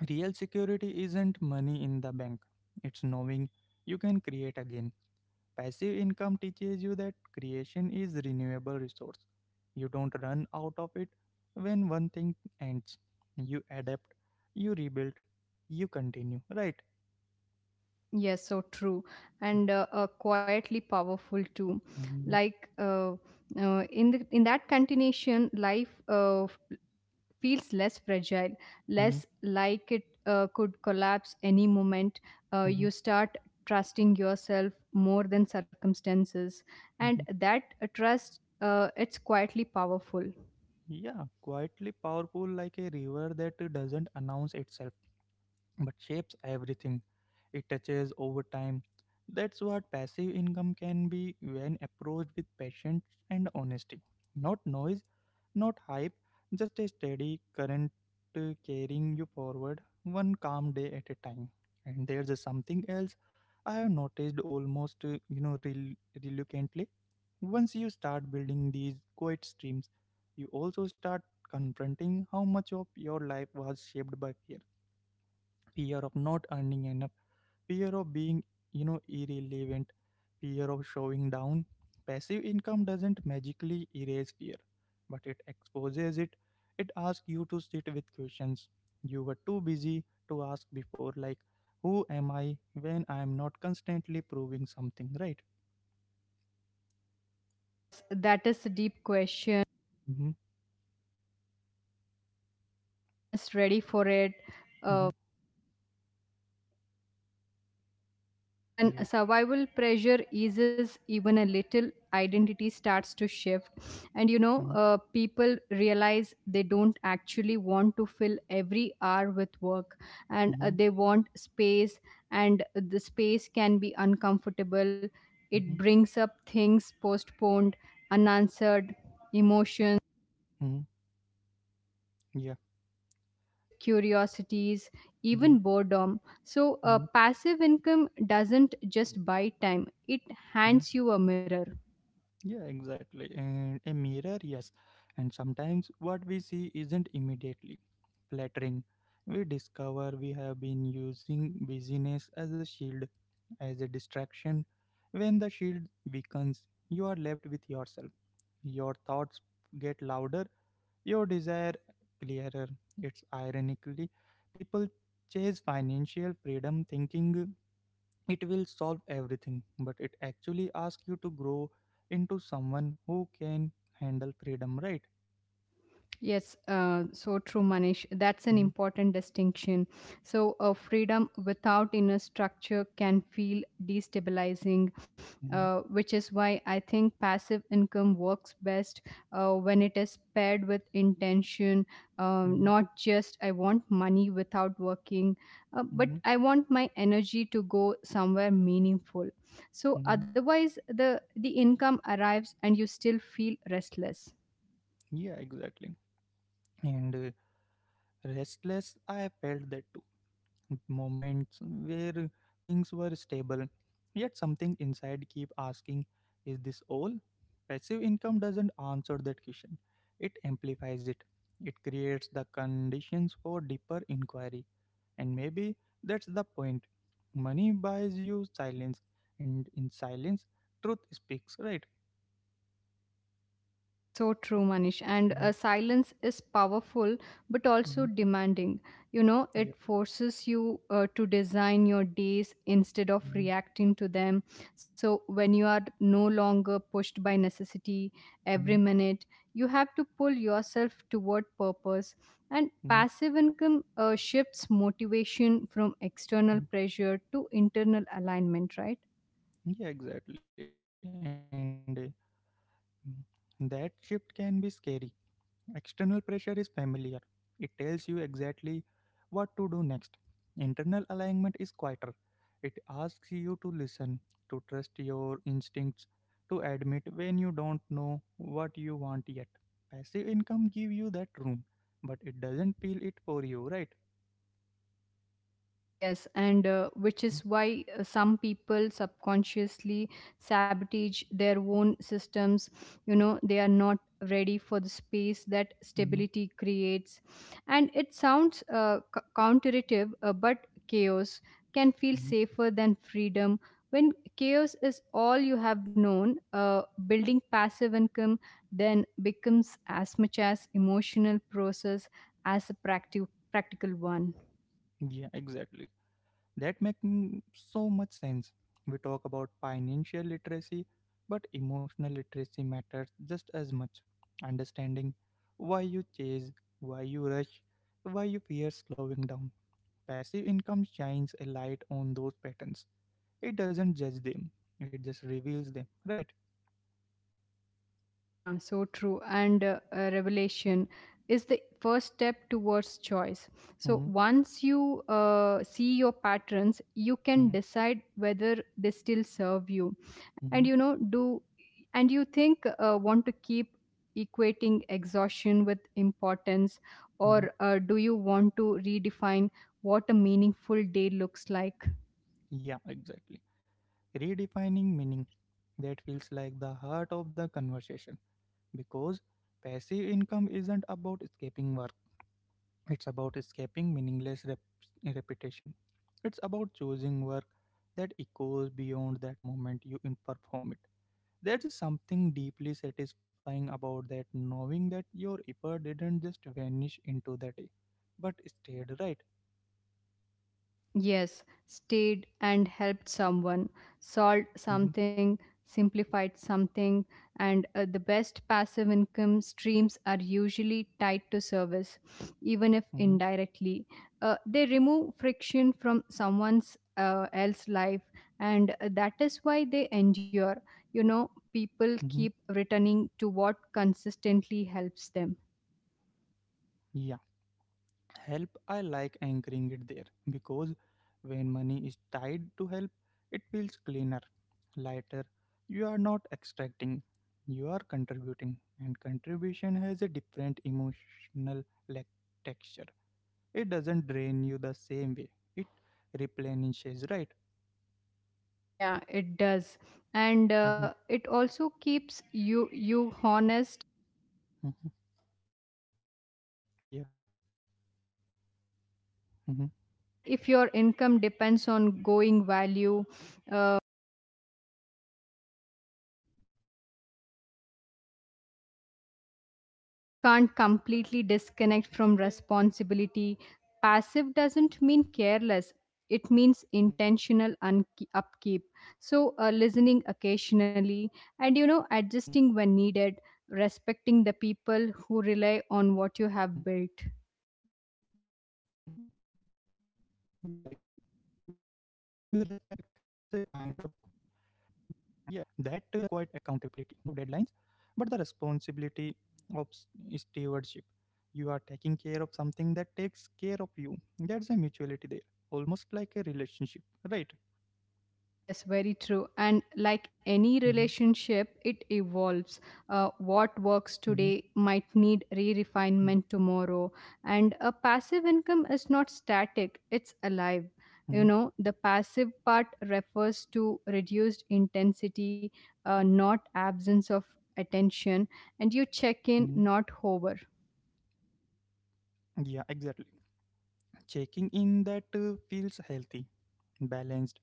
Speaker 1: Real security isn't money in the bank, it's knowing you can create again. Passive income teaches you that creation is renewable resource. You don't run out of it when one thing ends. You adapt, you rebuild, you continue, right?
Speaker 2: Yes, so true, and quietly powerful too.
Speaker 1: Mhm,
Speaker 2: Like in the in that continuation, life feels less fragile,
Speaker 1: mhm,
Speaker 2: less like it could collapse any moment.
Speaker 1: mhm,
Speaker 2: You start trusting yourself more than circumstances, and
Speaker 1: mhm.
Speaker 2: that trust, it's quietly powerful.
Speaker 1: Yeah, quietly powerful, like a river that doesn't announce itself, but shapes everything it touches over time. That's what passive income can be when approached with patience and honesty. Not noise, not hype, just a steady current carrying you forward one calm day at a time. And there's a something else I have noticed, almost, you know, reluctantly. Once you start building these quiet streams, you also start confronting how much of your life was shaped by fear, fear of not earning enough, fear of being, you know, irrelevant, fear of showing down. Passive income doesn't magically erase fear, but it exposes it. It asks you to sit with questions you were too busy to ask before, like, who am I when I am not constantly proving something, right?
Speaker 2: Yes, that is a deep question.
Speaker 1: Mm-hmm,
Speaker 2: Everyone is ready for it.
Speaker 1: mm-hmm,
Speaker 2: Uh, Because when
Speaker 1: yeah.
Speaker 2: survival pressure eases even a little, identity starts to shift. And you know,
Speaker 1: Mm-hmm,
Speaker 2: people realize they don't actually want to fill every hour with work, and
Speaker 1: mm-hmm,
Speaker 2: they want space, and the space can be uncomfortable. It
Speaker 1: mm-hmm,
Speaker 2: brings up things postponed, unanswered, emotions,
Speaker 1: mm-hmm, yeah.
Speaker 2: neglected curiosities,
Speaker 1: Mm-hmm,
Speaker 2: even boredom. So, a
Speaker 1: mm-hmm,
Speaker 2: passive income doesn't just buy time, it
Speaker 1: mm-hmm.
Speaker 2: hands you a mirror.
Speaker 1: Yeah, exactly. And a mirror, yes. And sometimes what we see isn't immediately flattering. We discover we have been using busyness as a shield, as a distraction. When the shield weakens, you are left with yourself. Your thoughts get louder, your desire clearer. It's ironically, people chase financial freedom thinking it will solve everything, but it actually asks you to grow into someone who can handle freedom, right?
Speaker 2: Yes, so true, Manish. That's an
Speaker 1: Mhm,
Speaker 2: important distinction. So, freedom without inner structure can feel destabilizing,
Speaker 1: mhm,
Speaker 2: which is why I think passive income works best when it is paired with intention,
Speaker 1: mhm,
Speaker 2: not just I want money without working, but
Speaker 1: mhm,
Speaker 2: I want my energy to go somewhere meaningful. So,
Speaker 1: mhm.
Speaker 2: otherwise, the income arrives and you still feel restless.
Speaker 1: Yeah, exactly. And restless, I have felt that too, moments where things were stable, yet something inside keep asking, is this all? Passive income doesn't answer that question, it amplifies it. It creates the conditions for deeper inquiry, and maybe that's the point. Money buys you silence, and in silence truth speaks, right?
Speaker 2: So true, Manish. And
Speaker 1: Hmm,
Speaker 2: silence is powerful but also
Speaker 1: hmm,
Speaker 2: demanding. You know,
Speaker 1: yeah,
Speaker 2: it forces you to design your days instead of
Speaker 1: hmm,
Speaker 2: reacting to them. So, when you are no longer pushed by necessity every minute, you have to pull yourself toward purpose. And
Speaker 1: hmm,
Speaker 2: passive income shifts motivation from external
Speaker 1: hmm.
Speaker 2: pressure to internal alignment, right?
Speaker 1: Yeah, exactly. That shift can be scary. External pressure is familiar. It tells you exactly what to do next. Internal alignment is quieter. It asks you to listen, to trust your instincts, to admit when you don't know what you want yet. Passive income gives you that room, but it doesn't peel it for you, right?
Speaker 2: Yes, and which is why some people subconsciously sabotage their own systems. You know, they are not ready for the space that stability
Speaker 1: Mhm.
Speaker 2: creates. And it sounds counterintuitive, but chaos can feel safer than freedom. When chaos is all you have known, building passive income then becomes as much as emotional process as a practical one.
Speaker 1: Yeah, exactly. That making so much sense. We talk about financial literacy, but emotional literacy matters just as much. Understanding why you chase, why you rush, why you fear slowing down. Passive income shines a light on those patterns. It doesn't judge them, it just reveals them, right?
Speaker 2: Yeah, so true. And revelation is the first step towards choice. So
Speaker 1: Hmm,
Speaker 2: once you see your patterns, you can
Speaker 1: hmm,
Speaker 2: decide whether they still serve you. And
Speaker 1: hmm,
Speaker 2: you know, do, and you think want to keep equating exhaustion with importance,
Speaker 1: hmm.
Speaker 2: or do you want to redefine what a meaningful day looks like?
Speaker 1: Yeah, exactly. Redefining meaning, that feels like the heart of the conversation, because passive income isn't about escaping work. It's about escaping meaningless repetition. It's about choosing work that echoes beyond that moment you perform it. There is something deeply satisfying about that, knowing that your effort didn't just vanish into the day, but stayed, right?
Speaker 2: Yes, stayed and helped someone, solved
Speaker 1: Mm-hmm,
Speaker 2: something, simplified something, and the best passive income streams are usually tied to service, even if
Speaker 1: mm-hmm,
Speaker 2: indirectly. They remove friction from someone's else life, and that is why they endure. You know,
Speaker 1: mm-hmm.
Speaker 2: people keep returning to what consistently helps them.
Speaker 1: Yeah. Help, I like anchoring it there, because when money is tied to help it feels cleaner, lighter. You are not extracting, you are contributing, and contribution has a different emotional, like, texture. It doesn't drain you the same way, it replenishes, right?
Speaker 2: Yeah, it does, and
Speaker 1: Hmm,
Speaker 2: it also keeps you honest,
Speaker 1: hmm, yeah, hmm,
Speaker 2: and if your income depends on going value, uh,
Speaker 1: hmm, yeah,
Speaker 2: you
Speaker 1: yeah,
Speaker 2: can't
Speaker 1: exactly.
Speaker 2: completely
Speaker 1: And
Speaker 2: disconnect from responsibility. Passive
Speaker 1: mm-hmm,
Speaker 2: doesn't mean careless, it means
Speaker 1: hmm,
Speaker 2: intentional upkeep. So
Speaker 1: hmm,
Speaker 2: listening occasionally, and you know, adjusting when needed, respecting the
Speaker 1: hmm.
Speaker 2: people who rely on what you have built.
Speaker 1: Yeah, exactly. That respect creates a kind of quiet accountability, not the pressure of deadlines, but the responsibility of stewardship. You are taking care of something that takes care of you. That's a mutuality there, almost like a relationship, right?
Speaker 2: Yes, very true. And like
Speaker 1: Hmm,
Speaker 2: any relationship, it evolves. What
Speaker 1: hmm,
Speaker 2: works today might need re refinement tomorrow. And a passive income is not static, it's alive.
Speaker 1: hmm,
Speaker 2: You know, the passive part refers to reduced intensity, not absence of attention, and you check
Speaker 1: hmm.
Speaker 2: in, not hover.
Speaker 1: Yeah, exactly. Checking in, that feels healthy, balanced,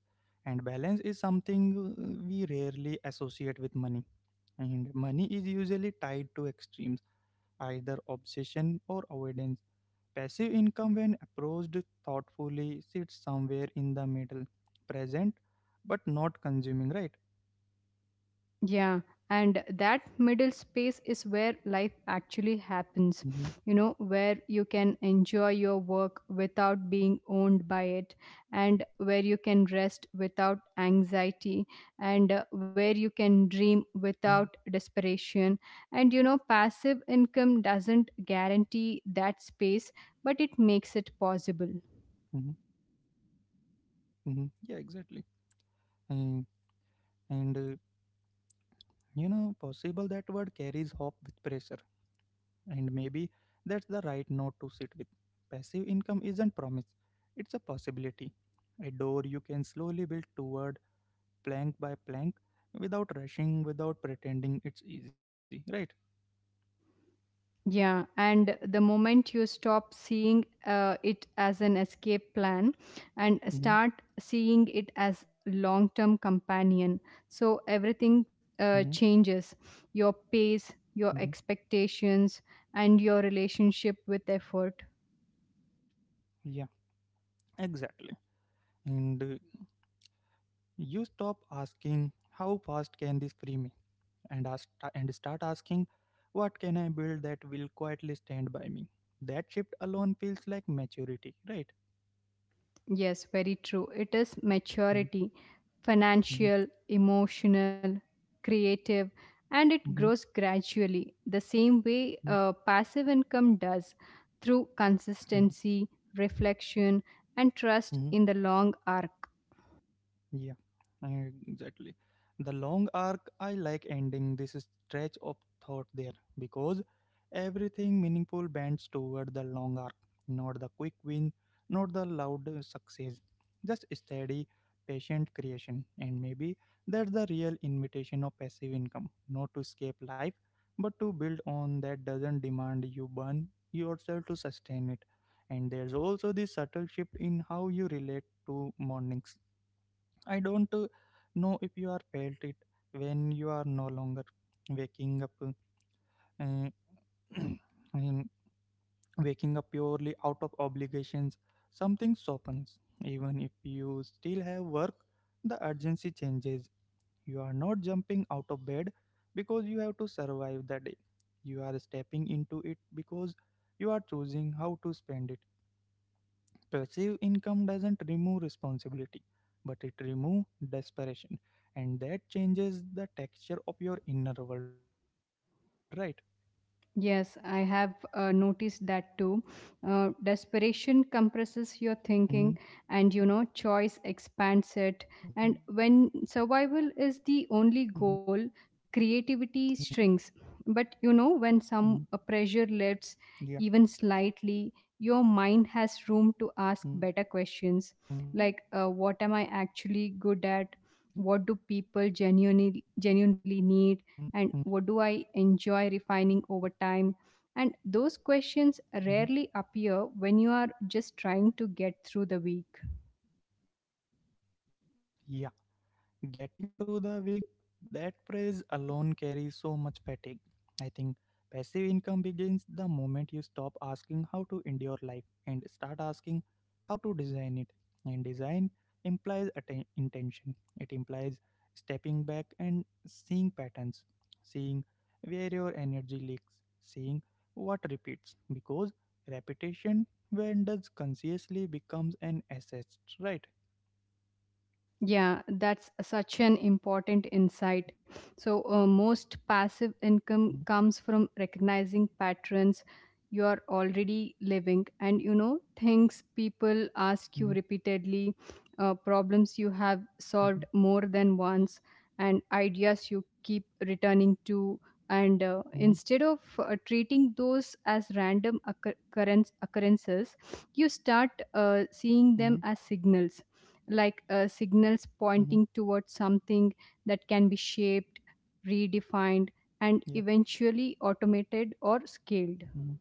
Speaker 1: and balance is something we rarely associate with money, and money is usually tied to extremes, either obsession or avoidance. Passive income, when approached thoughtfully, sits somewhere in the middle, present but not consuming, right?
Speaker 2: Yeah, and that middle space is where life actually happens,
Speaker 1: Mm-hmm,
Speaker 2: you know, where you can enjoy your work without being
Speaker 1: mm-hmm,
Speaker 2: owned by it, and where you can rest without anxiety, and
Speaker 1: mm-hmm,
Speaker 2: where you can dream without desperation. And you know,
Speaker 1: mm-hmm,
Speaker 2: passive income doesn't guarantee that space, but it
Speaker 1: mm-hmm,
Speaker 2: makes it possible.
Speaker 1: mm-hmm. Yeah, exactly. And, and you know, possible, that word carries hope with pressure, and maybe that's the right note to sit with. Passive income isn't promise, it's a possibility, a door you can slowly build toward plank by plank, without rushing, without pretending it's easy, right?
Speaker 2: Yeah, and the moment you stop seeing it as an escape plan and
Speaker 1: Hmm,
Speaker 2: start seeing it as long-term companion, so
Speaker 1: hmm,
Speaker 2: everything changes. Your pace,
Speaker 1: hmm.
Speaker 2: your expectations, and your relationship with effort.
Speaker 1: Yeah, exactly. And you stop asking how fast can this free me, and start asking what can I build that will quietly stand by me. That shift alone feels like maturity, right?
Speaker 2: Yes, very true. It is
Speaker 1: Mm-hmm,
Speaker 2: maturity,
Speaker 1: mm-hmm,
Speaker 2: financial, emotional, creative, and it
Speaker 1: mm-hmm,
Speaker 2: grows gradually the same way passive income does, through
Speaker 1: mm-hmm,
Speaker 2: consistency, reflection, and trust
Speaker 1: mm-hmm.
Speaker 2: in the long arc.
Speaker 1: Yeah, exactly. The long arc, I like ending this stretch of thought there because everything meaningful bends toward the long arc, not the quick win, not the loud success, just steady, patient creation. And maybe that's the real invitation of passive income, not to escape life, but to build on that doesn't demand you burn yourself to sustain it. And there's also this subtle shift in how you relate to mornings. I don't know if you are felt it when you are no longer waking up, uh, in- waking up purely out of obligations. Something softens. Even if you still have work, the urgency changes. You are not jumping out of bed because you have to survive the day. You are stepping into it because you are choosing how to spend it. Passive income doesn't remove responsibility, but it removes desperation. And that changes the texture of your inner world, right?
Speaker 2: Yes, I have noticed that too.
Speaker 1: Mm-hmm,
Speaker 2: Desperation compresses your thinking, and you know,
Speaker 1: mm-hmm,
Speaker 2: choice expands it. And when
Speaker 1: mm-hmm,
Speaker 2: survival is the only goal, creativity
Speaker 1: mm-hmm,
Speaker 2: shrinks. But you know, when
Speaker 1: yeah,
Speaker 2: some pressure lifts, even slightly,
Speaker 1: mm-hmm,
Speaker 2: your mind has room
Speaker 1: mm-hmm,
Speaker 2: to ask better questions like, what am I
Speaker 1: yeah,
Speaker 2: actually good at? What do people
Speaker 1: mm-hmm,
Speaker 2: genuinely need? And what do I
Speaker 1: mm-hmm,
Speaker 2: enjoy refining over time? And those questions rarely appear when you are just trying to get through the week.
Speaker 1: yeah. Getting through the week, that phrase alone carries so much fatigue. I think passive income begins the moment you stop asking how to endure life and start asking how to design it. And design implies intention, it implies stepping back and seeing patterns, seeing where your energy leaks, seeing what repeats. Because repetition, when does consciously, becomes an asset, right?
Speaker 2: Yeah, that's such an important insight. So, most passive
Speaker 1: Mhm,
Speaker 2: income comes from recognizing patterns you are already living, and you know, things people
Speaker 1: mhm,
Speaker 2: ask you repeatedly, problems you have
Speaker 1: mhm.
Speaker 2: solved more than once, and ideas you keep returning to. And
Speaker 1: Mhm,
Speaker 2: instead of treating those as random occurrences, you start
Speaker 1: mhm,
Speaker 2: seeing them as signals, like signals
Speaker 1: mhm,
Speaker 2: pointing towards something that can be shaped, redefined, and
Speaker 1: yeah,
Speaker 2: eventually automated or scaled.
Speaker 1: mhm,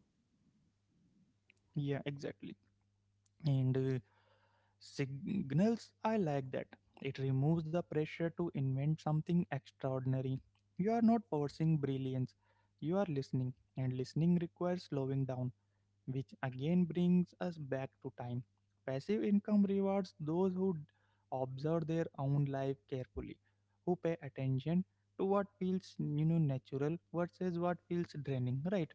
Speaker 1: yeah, exactly. And signals, I like that. It removes the pressure to invent something extraordinary. You are not forcing brilliance, you are listening, and listening requires slowing down, which again brings us back to time. Passive income rewards those who observe their own life carefully, who pay attention to what feels, you know, natural versus what feels draining, right?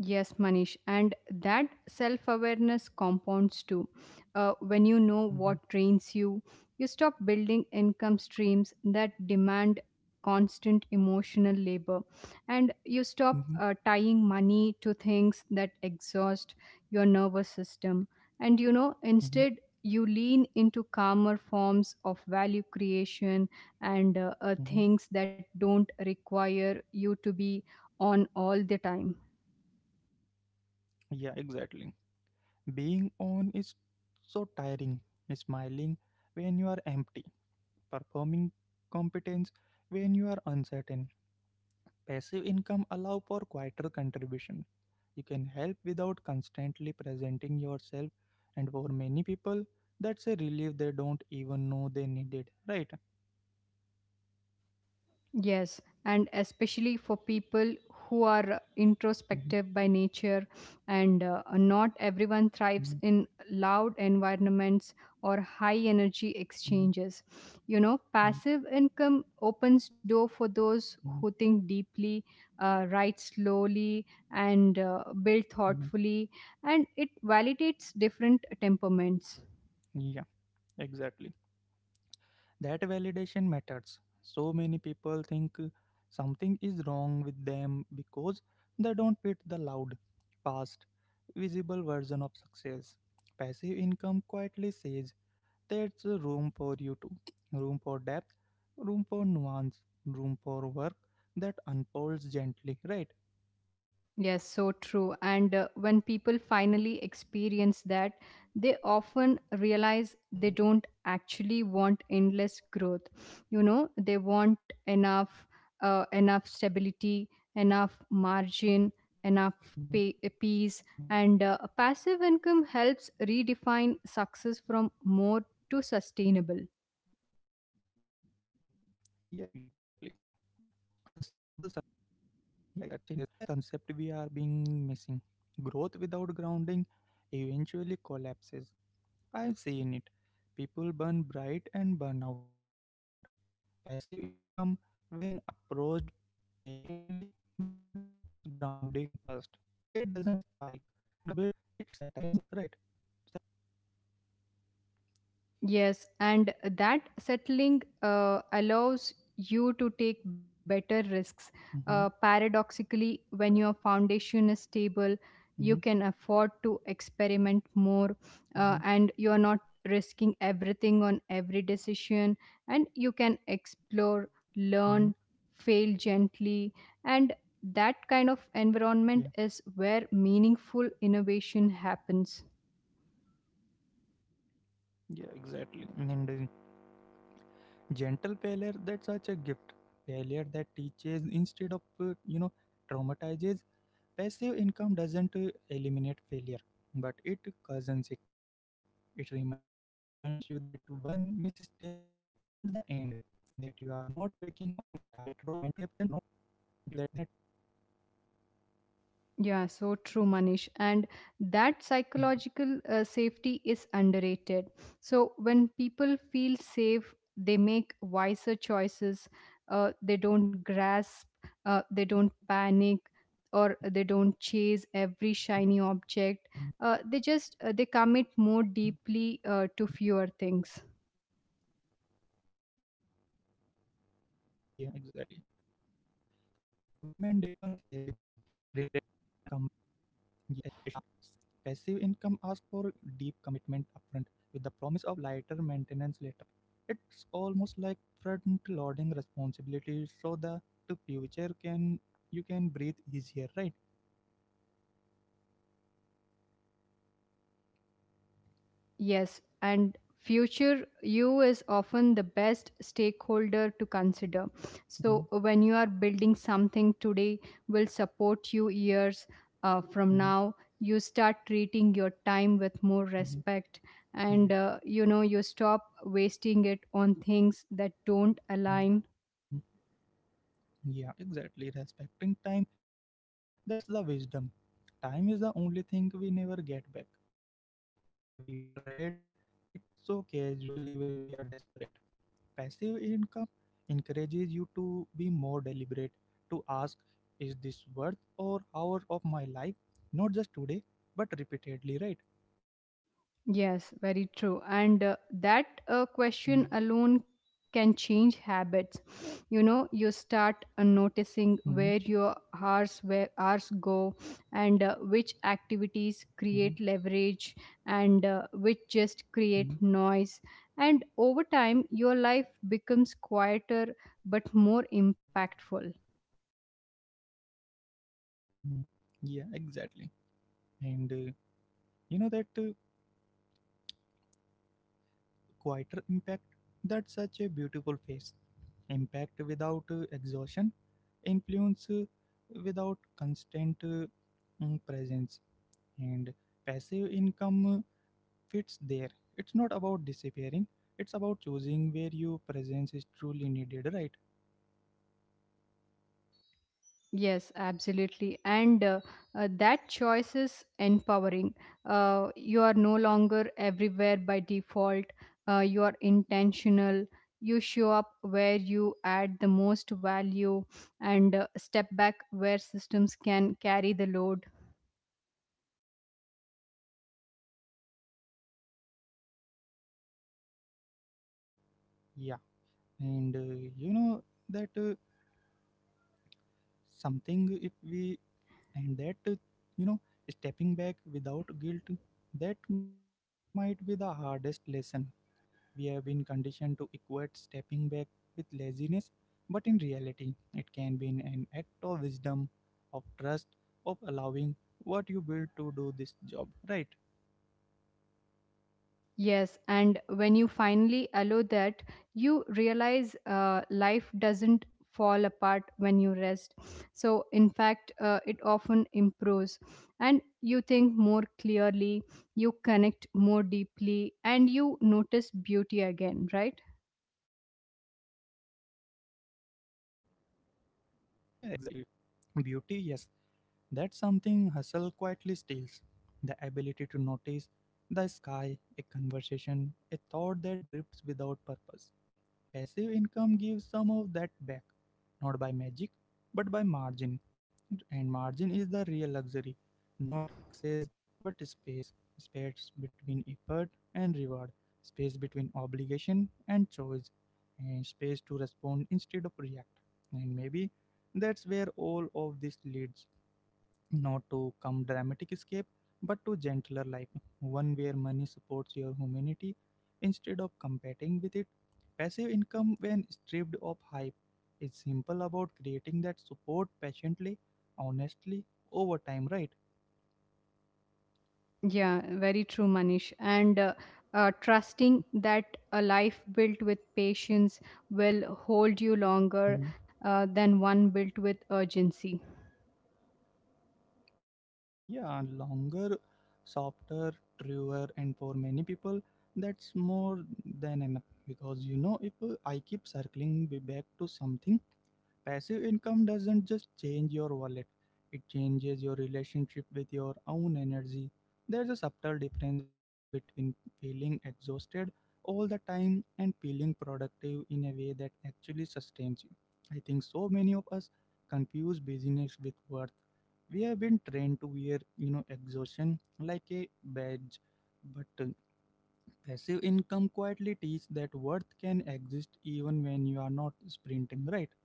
Speaker 2: Yes, Manish. And that self awareness compounds too. When you know
Speaker 1: Hmm.
Speaker 2: what drains you, you stop building income streams that demand constant emotional labor. And you stop
Speaker 1: Mm-hmm.
Speaker 2: tying money to things that exhaust your nervous system. And you know, instead, you lean into calmer forms of value creation and
Speaker 1: Hmm.
Speaker 2: things that don't require you to be on all the time.
Speaker 1: Yeah, exactly. Being on is so tiring. Smiling when you are empty, performing competence when you are uncertain. Passive income allow for quieter contribution. You can help without constantly presenting yourself, and for many people, that's a relief they don't even know they needed. Right?
Speaker 2: Yes, and especially for people who are
Speaker 1: Mhm,
Speaker 2: introspective by nature, and not everyone thrives
Speaker 1: mhm,
Speaker 2: in loud environments or high energy
Speaker 1: mhm,
Speaker 2: exchanges. You know, passive income opens door for those who
Speaker 1: mhm,
Speaker 2: think deeply, write slowly, and build
Speaker 1: mhm.
Speaker 2: thoughtfully, and it validates different temperaments.
Speaker 1: Yeah, exactly. That validation matters. So many people think something is wrong with them because they don't fit the loud, fast, visible version of success. Passive income quietly says there's a room for you too, room for depth, room for nuance, room for work that unfolds gently, right?
Speaker 2: Yes, so true. And when people finally experience that, they
Speaker 1: Mhm,
Speaker 2: often realize they don't actually want endless growth. You know, they
Speaker 1: mhm,
Speaker 2: want enough, enough stability, enough
Speaker 1: mhm.
Speaker 2: margin, enough pay, peace, and passive income helps redefine success from more to sustainable.
Speaker 1: Yeah, exactly. Sustainable success. That feel like a concept we are being missing. Growth without grounding eventually collapses. I've seen it. People burn bright and burn out. Passive income, when approached patiently, builds grounding first. It doesn't spike. It settles, right?
Speaker 2: Yes, and that settling allows you to take better risks. Paradoxically, when your
Speaker 1: Mm-hmm,
Speaker 2: foundation is stable, you can afford to
Speaker 1: mm-hmm,
Speaker 2: experiment more and you're not risking
Speaker 1: mm-hmm,
Speaker 2: everything on every decision, and you can explore,
Speaker 1: mm-hmm.
Speaker 2: learn, fail gently. And that kind of
Speaker 1: Yeah,
Speaker 2: environment is where meaningful innovation happens.
Speaker 1: yeah, exactly. And gentle failure, that's such a gift. Failure that teaches instead of, you know, traumatizes. Passive income doesn't eliminate failure, but it cousins it. It reminds you that one misstep isn't the end, that you are not walking on a tightrope without a net, right?
Speaker 2: Yeah, so true, Manish. And that
Speaker 1: Mhm,
Speaker 2: psychological safety is underrated. So when people feel
Speaker 1: mhm,
Speaker 2: safe, they make wiser choices. They don't grasp,
Speaker 1: mhm,
Speaker 2: they don't panic, or they don't chase every
Speaker 1: mhm.
Speaker 2: shiny object. They just they commit more deeply to fewer things.
Speaker 1: Yeah, exactly. Com- Commitment depends everything, relationships, craft, self trust. Passive income asks for deep commitment upfront with the promise of lighter maintenance later. It's almost like front loading responsibilities so that the future can, you can breathe easier, right?
Speaker 2: Yes, and future you is often the best stakeholder to consider. So when you are building
Speaker 1: Mm-hmm,
Speaker 2: something today will support you years from now. You start
Speaker 1: mm-hmm,
Speaker 2: treating your time with more respect, and
Speaker 1: hmm,
Speaker 2: you know you stop
Speaker 1: yeah.
Speaker 2: wasting it on things that don't align.
Speaker 1: Mm-hmm. Yeah, exactly. Respecting time, that's the wisdom. Time is the only thing we never get back. Yet we trade it so casually when we are desperate. Passive income encourages you to be more deliberate, to ask, is this worth or hour of my life? Not just today, but repeatedly, right?
Speaker 2: Yes, very true. And that
Speaker 1: Mhm,
Speaker 2: question alone can change habits. You know, you start
Speaker 1: mhm,
Speaker 2: noticing where your hours where hours go, and which activities
Speaker 1: mhm,
Speaker 2: create leverage, and which just create
Speaker 1: mhm,
Speaker 2: noise. And over time, your life becomes quieter but more impactful.
Speaker 1: mhm. Yeah, exactly. And you know that. Quieter impact. That's such a beautiful phase. Impact without exhaustion, influence without constant presence, and passive income fits there. It's not about disappearing, it's about choosing where your presence is truly needed, right?
Speaker 2: Yes, absolutely. And that choice is empowering. You are no longer everywhere by default. You are intentional. You show up where you add the most value and step back where systems can carry the load.
Speaker 1: Yeah, and you know that something if we, and that you know, stepping back without guilt, that might be the hardest lesson. We have been conditioned to equate stepping back with laziness, but in reality, it can be an act of wisdom, of trust, of allowing what you build to do this job, right?
Speaker 2: Yes, and when you finally allow that, you realize life doesn't fall apart when you rest. So, in fact, it often improves, and you think more clearly, you connect more deeply, and you notice beauty again, right?
Speaker 1: Yeah, exactly. And beauty, yes, that's something hustle quietly steals, the ability to notice the sky, a conversation, a thought that drifts without purpose. Passive income gives some of that back, not by magic, but by margin. And margin is the real luxury, not excess, but space. Space between effort and reward, space between obligation and choice, and space to respond instead of react. And maybe that's where all of this leads, not to come dramatic escape, but to gentler life, one where money supports your humanity instead of competing with it. Passive income, when stripped of hype, is simple about creating that support patiently, honestly, over time, right?
Speaker 2: Yeah, very true, Manish. And trusting that a life built with patience will hold you longer
Speaker 1: Mhm.
Speaker 2: than one built with urgency.
Speaker 1: Yeah, longer, softer, truer, and for many people, that's more than enough. Because you know, if I keep circling back to something. Passive income doesn't just change your wallet, it changes your relationship with your own energy. There's a subtle difference between feeling exhausted all the time and feeling productive in a way that actually sustains you. I think so many of us confuse busyness with worth. We have been trained to wear, you know, exhaustion like a badge, but passive income quietly teaches that worth can exist even when you are not sprinting, right?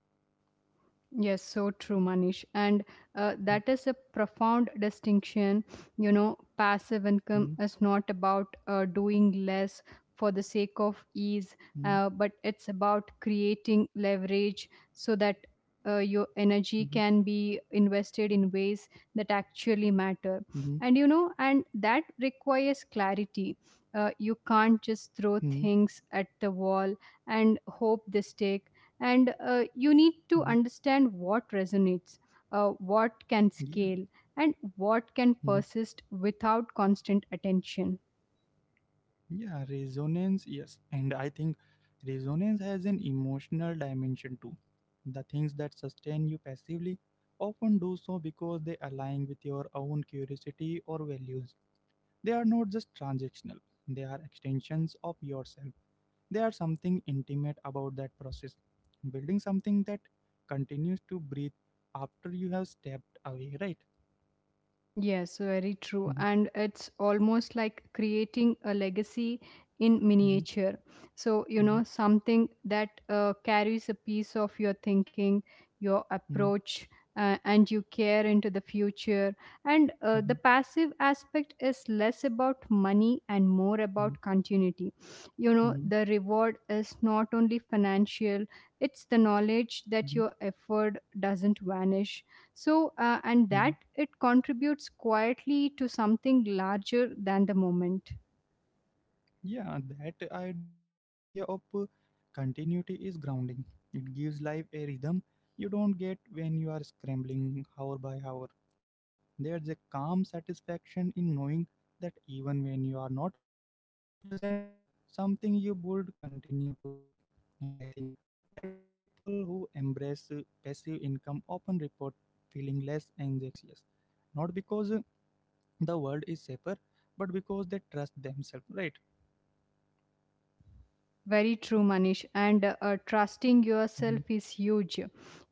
Speaker 2: Yes, so true, Manish. And that is a profound distinction. You know, passive income
Speaker 1: Mhm.
Speaker 2: is not about doing less for the sake of ease,
Speaker 1: Mhm,
Speaker 2: but it's about creating leverage so that your energy
Speaker 1: mhm,
Speaker 2: can be invested in ways that actually matter.
Speaker 1: mhm,
Speaker 2: And, you know, and that requires clarity. You can't just throw
Speaker 1: mhm,
Speaker 2: things at the wall and hope they stick and you need to
Speaker 1: mhm.
Speaker 2: understand what resonates, what can
Speaker 1: Yeah,
Speaker 2: scale and what can
Speaker 1: mhm.
Speaker 2: persist without constant attention.
Speaker 1: Yeah, resonance, yes. And I think resonance has an emotional dimension too. The things that sustain you passively often do so because they align with your own curiosity or values. They are not just transactional, they are extensions of yourself. They are something intimate about that process. Building something that continues to breathe after you have stepped away, right?
Speaker 2: Yes, very true. And
Speaker 1: Mhm,
Speaker 2: it's almost like creating a legacy in miniature.
Speaker 1: mhm,
Speaker 2: So, you know,
Speaker 1: mhm,
Speaker 2: something that carries a piece of your thinking, your approach,
Speaker 1: mhm.
Speaker 2: and you care into the future. And the
Speaker 1: Mhm,
Speaker 2: passive aspect is less about money and more about
Speaker 1: mhm,
Speaker 2: continuity. You know, the
Speaker 1: mhm,
Speaker 2: reward is not only financial, it's the knowledge
Speaker 1: mhm,
Speaker 2: that your effort doesn't vanish so and
Speaker 1: mhm.
Speaker 2: that it contributes quietly to something larger than the moment.
Speaker 1: Yeah, that idea of continuity is grounding. It gives life a rhythm you don't get when you are scrambling hour by hour. There's a calm satisfaction in knowing that even when you are not present, something you would continue to work. And I think that's why people who embrace passive income often report feeling less anxious. Not because the world is safer, but because they trust themselves, right?
Speaker 2: Very true, Manish. And
Speaker 1: Mhm,
Speaker 2: trusting yourself is huge.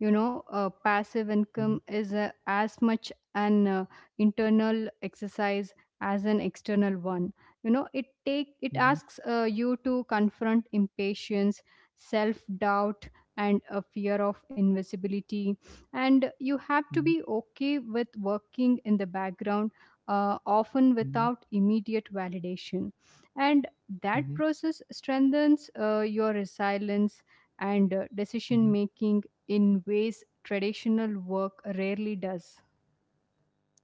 Speaker 2: You know,
Speaker 1: mhm,
Speaker 2: passive income is as much an internal exercise as an external one. You know, it
Speaker 1: mhm,
Speaker 2: asks you to confront impatience, self doubt, and a fear of invisibility. And you have to
Speaker 1: mhm,
Speaker 2: be okay with working in the background, often
Speaker 1: mhm,
Speaker 2: without immediate validation. And that
Speaker 1: mhm,
Speaker 2: process strengthens your resilience and decision
Speaker 1: mhm.
Speaker 2: making in ways traditional work rarely does.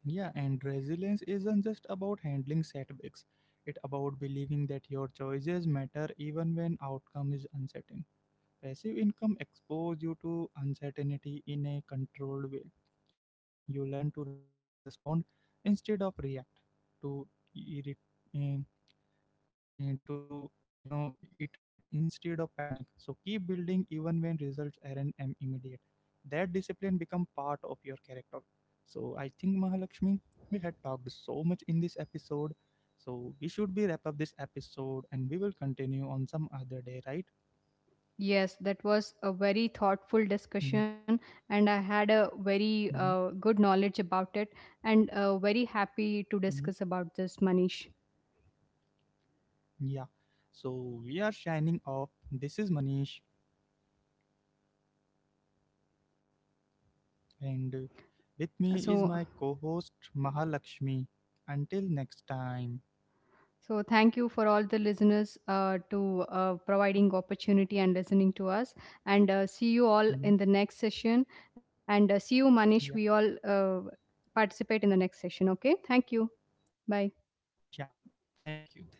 Speaker 1: Yeah, and resilience isn't just about handling setbacks, it's about believing that your choices matter even when outcome is uncertain. Passive income exposes you to uncertainty in a controlled way. You learn to respond instead of react, to irrit- eh, to you know, iterate instead of panic, so keep building even when results aren't immediate. That discipline become part of your character. So I think Mahalakshmi, we had talked so much in this episode, so we should be wrap up this episode and we will continue on some other day, right?
Speaker 2: Yes, that was a very thoughtful
Speaker 1: Hmm,
Speaker 2: discussion, and I had a very
Speaker 1: hmm,
Speaker 2: good knowledge about it, and very happy to
Speaker 1: hmm,
Speaker 2: discuss about this, Manish.
Speaker 1: yeah. So we are shining off. This is Manish, and with me is
Speaker 2: So,
Speaker 1: my co-host Mahalakshmi. Until next time.
Speaker 2: So thank you for all the listeners to providing opportunity and listening to us. And see you all in
Speaker 1: Mhm.
Speaker 2: the next session. And see you, Manish. We
Speaker 1: Yeah,
Speaker 2: all participate in the next session. Okay. Thank you.
Speaker 1: yeah.
Speaker 2: Bye.
Speaker 1: Thank you. Thank you, everyone. Bye.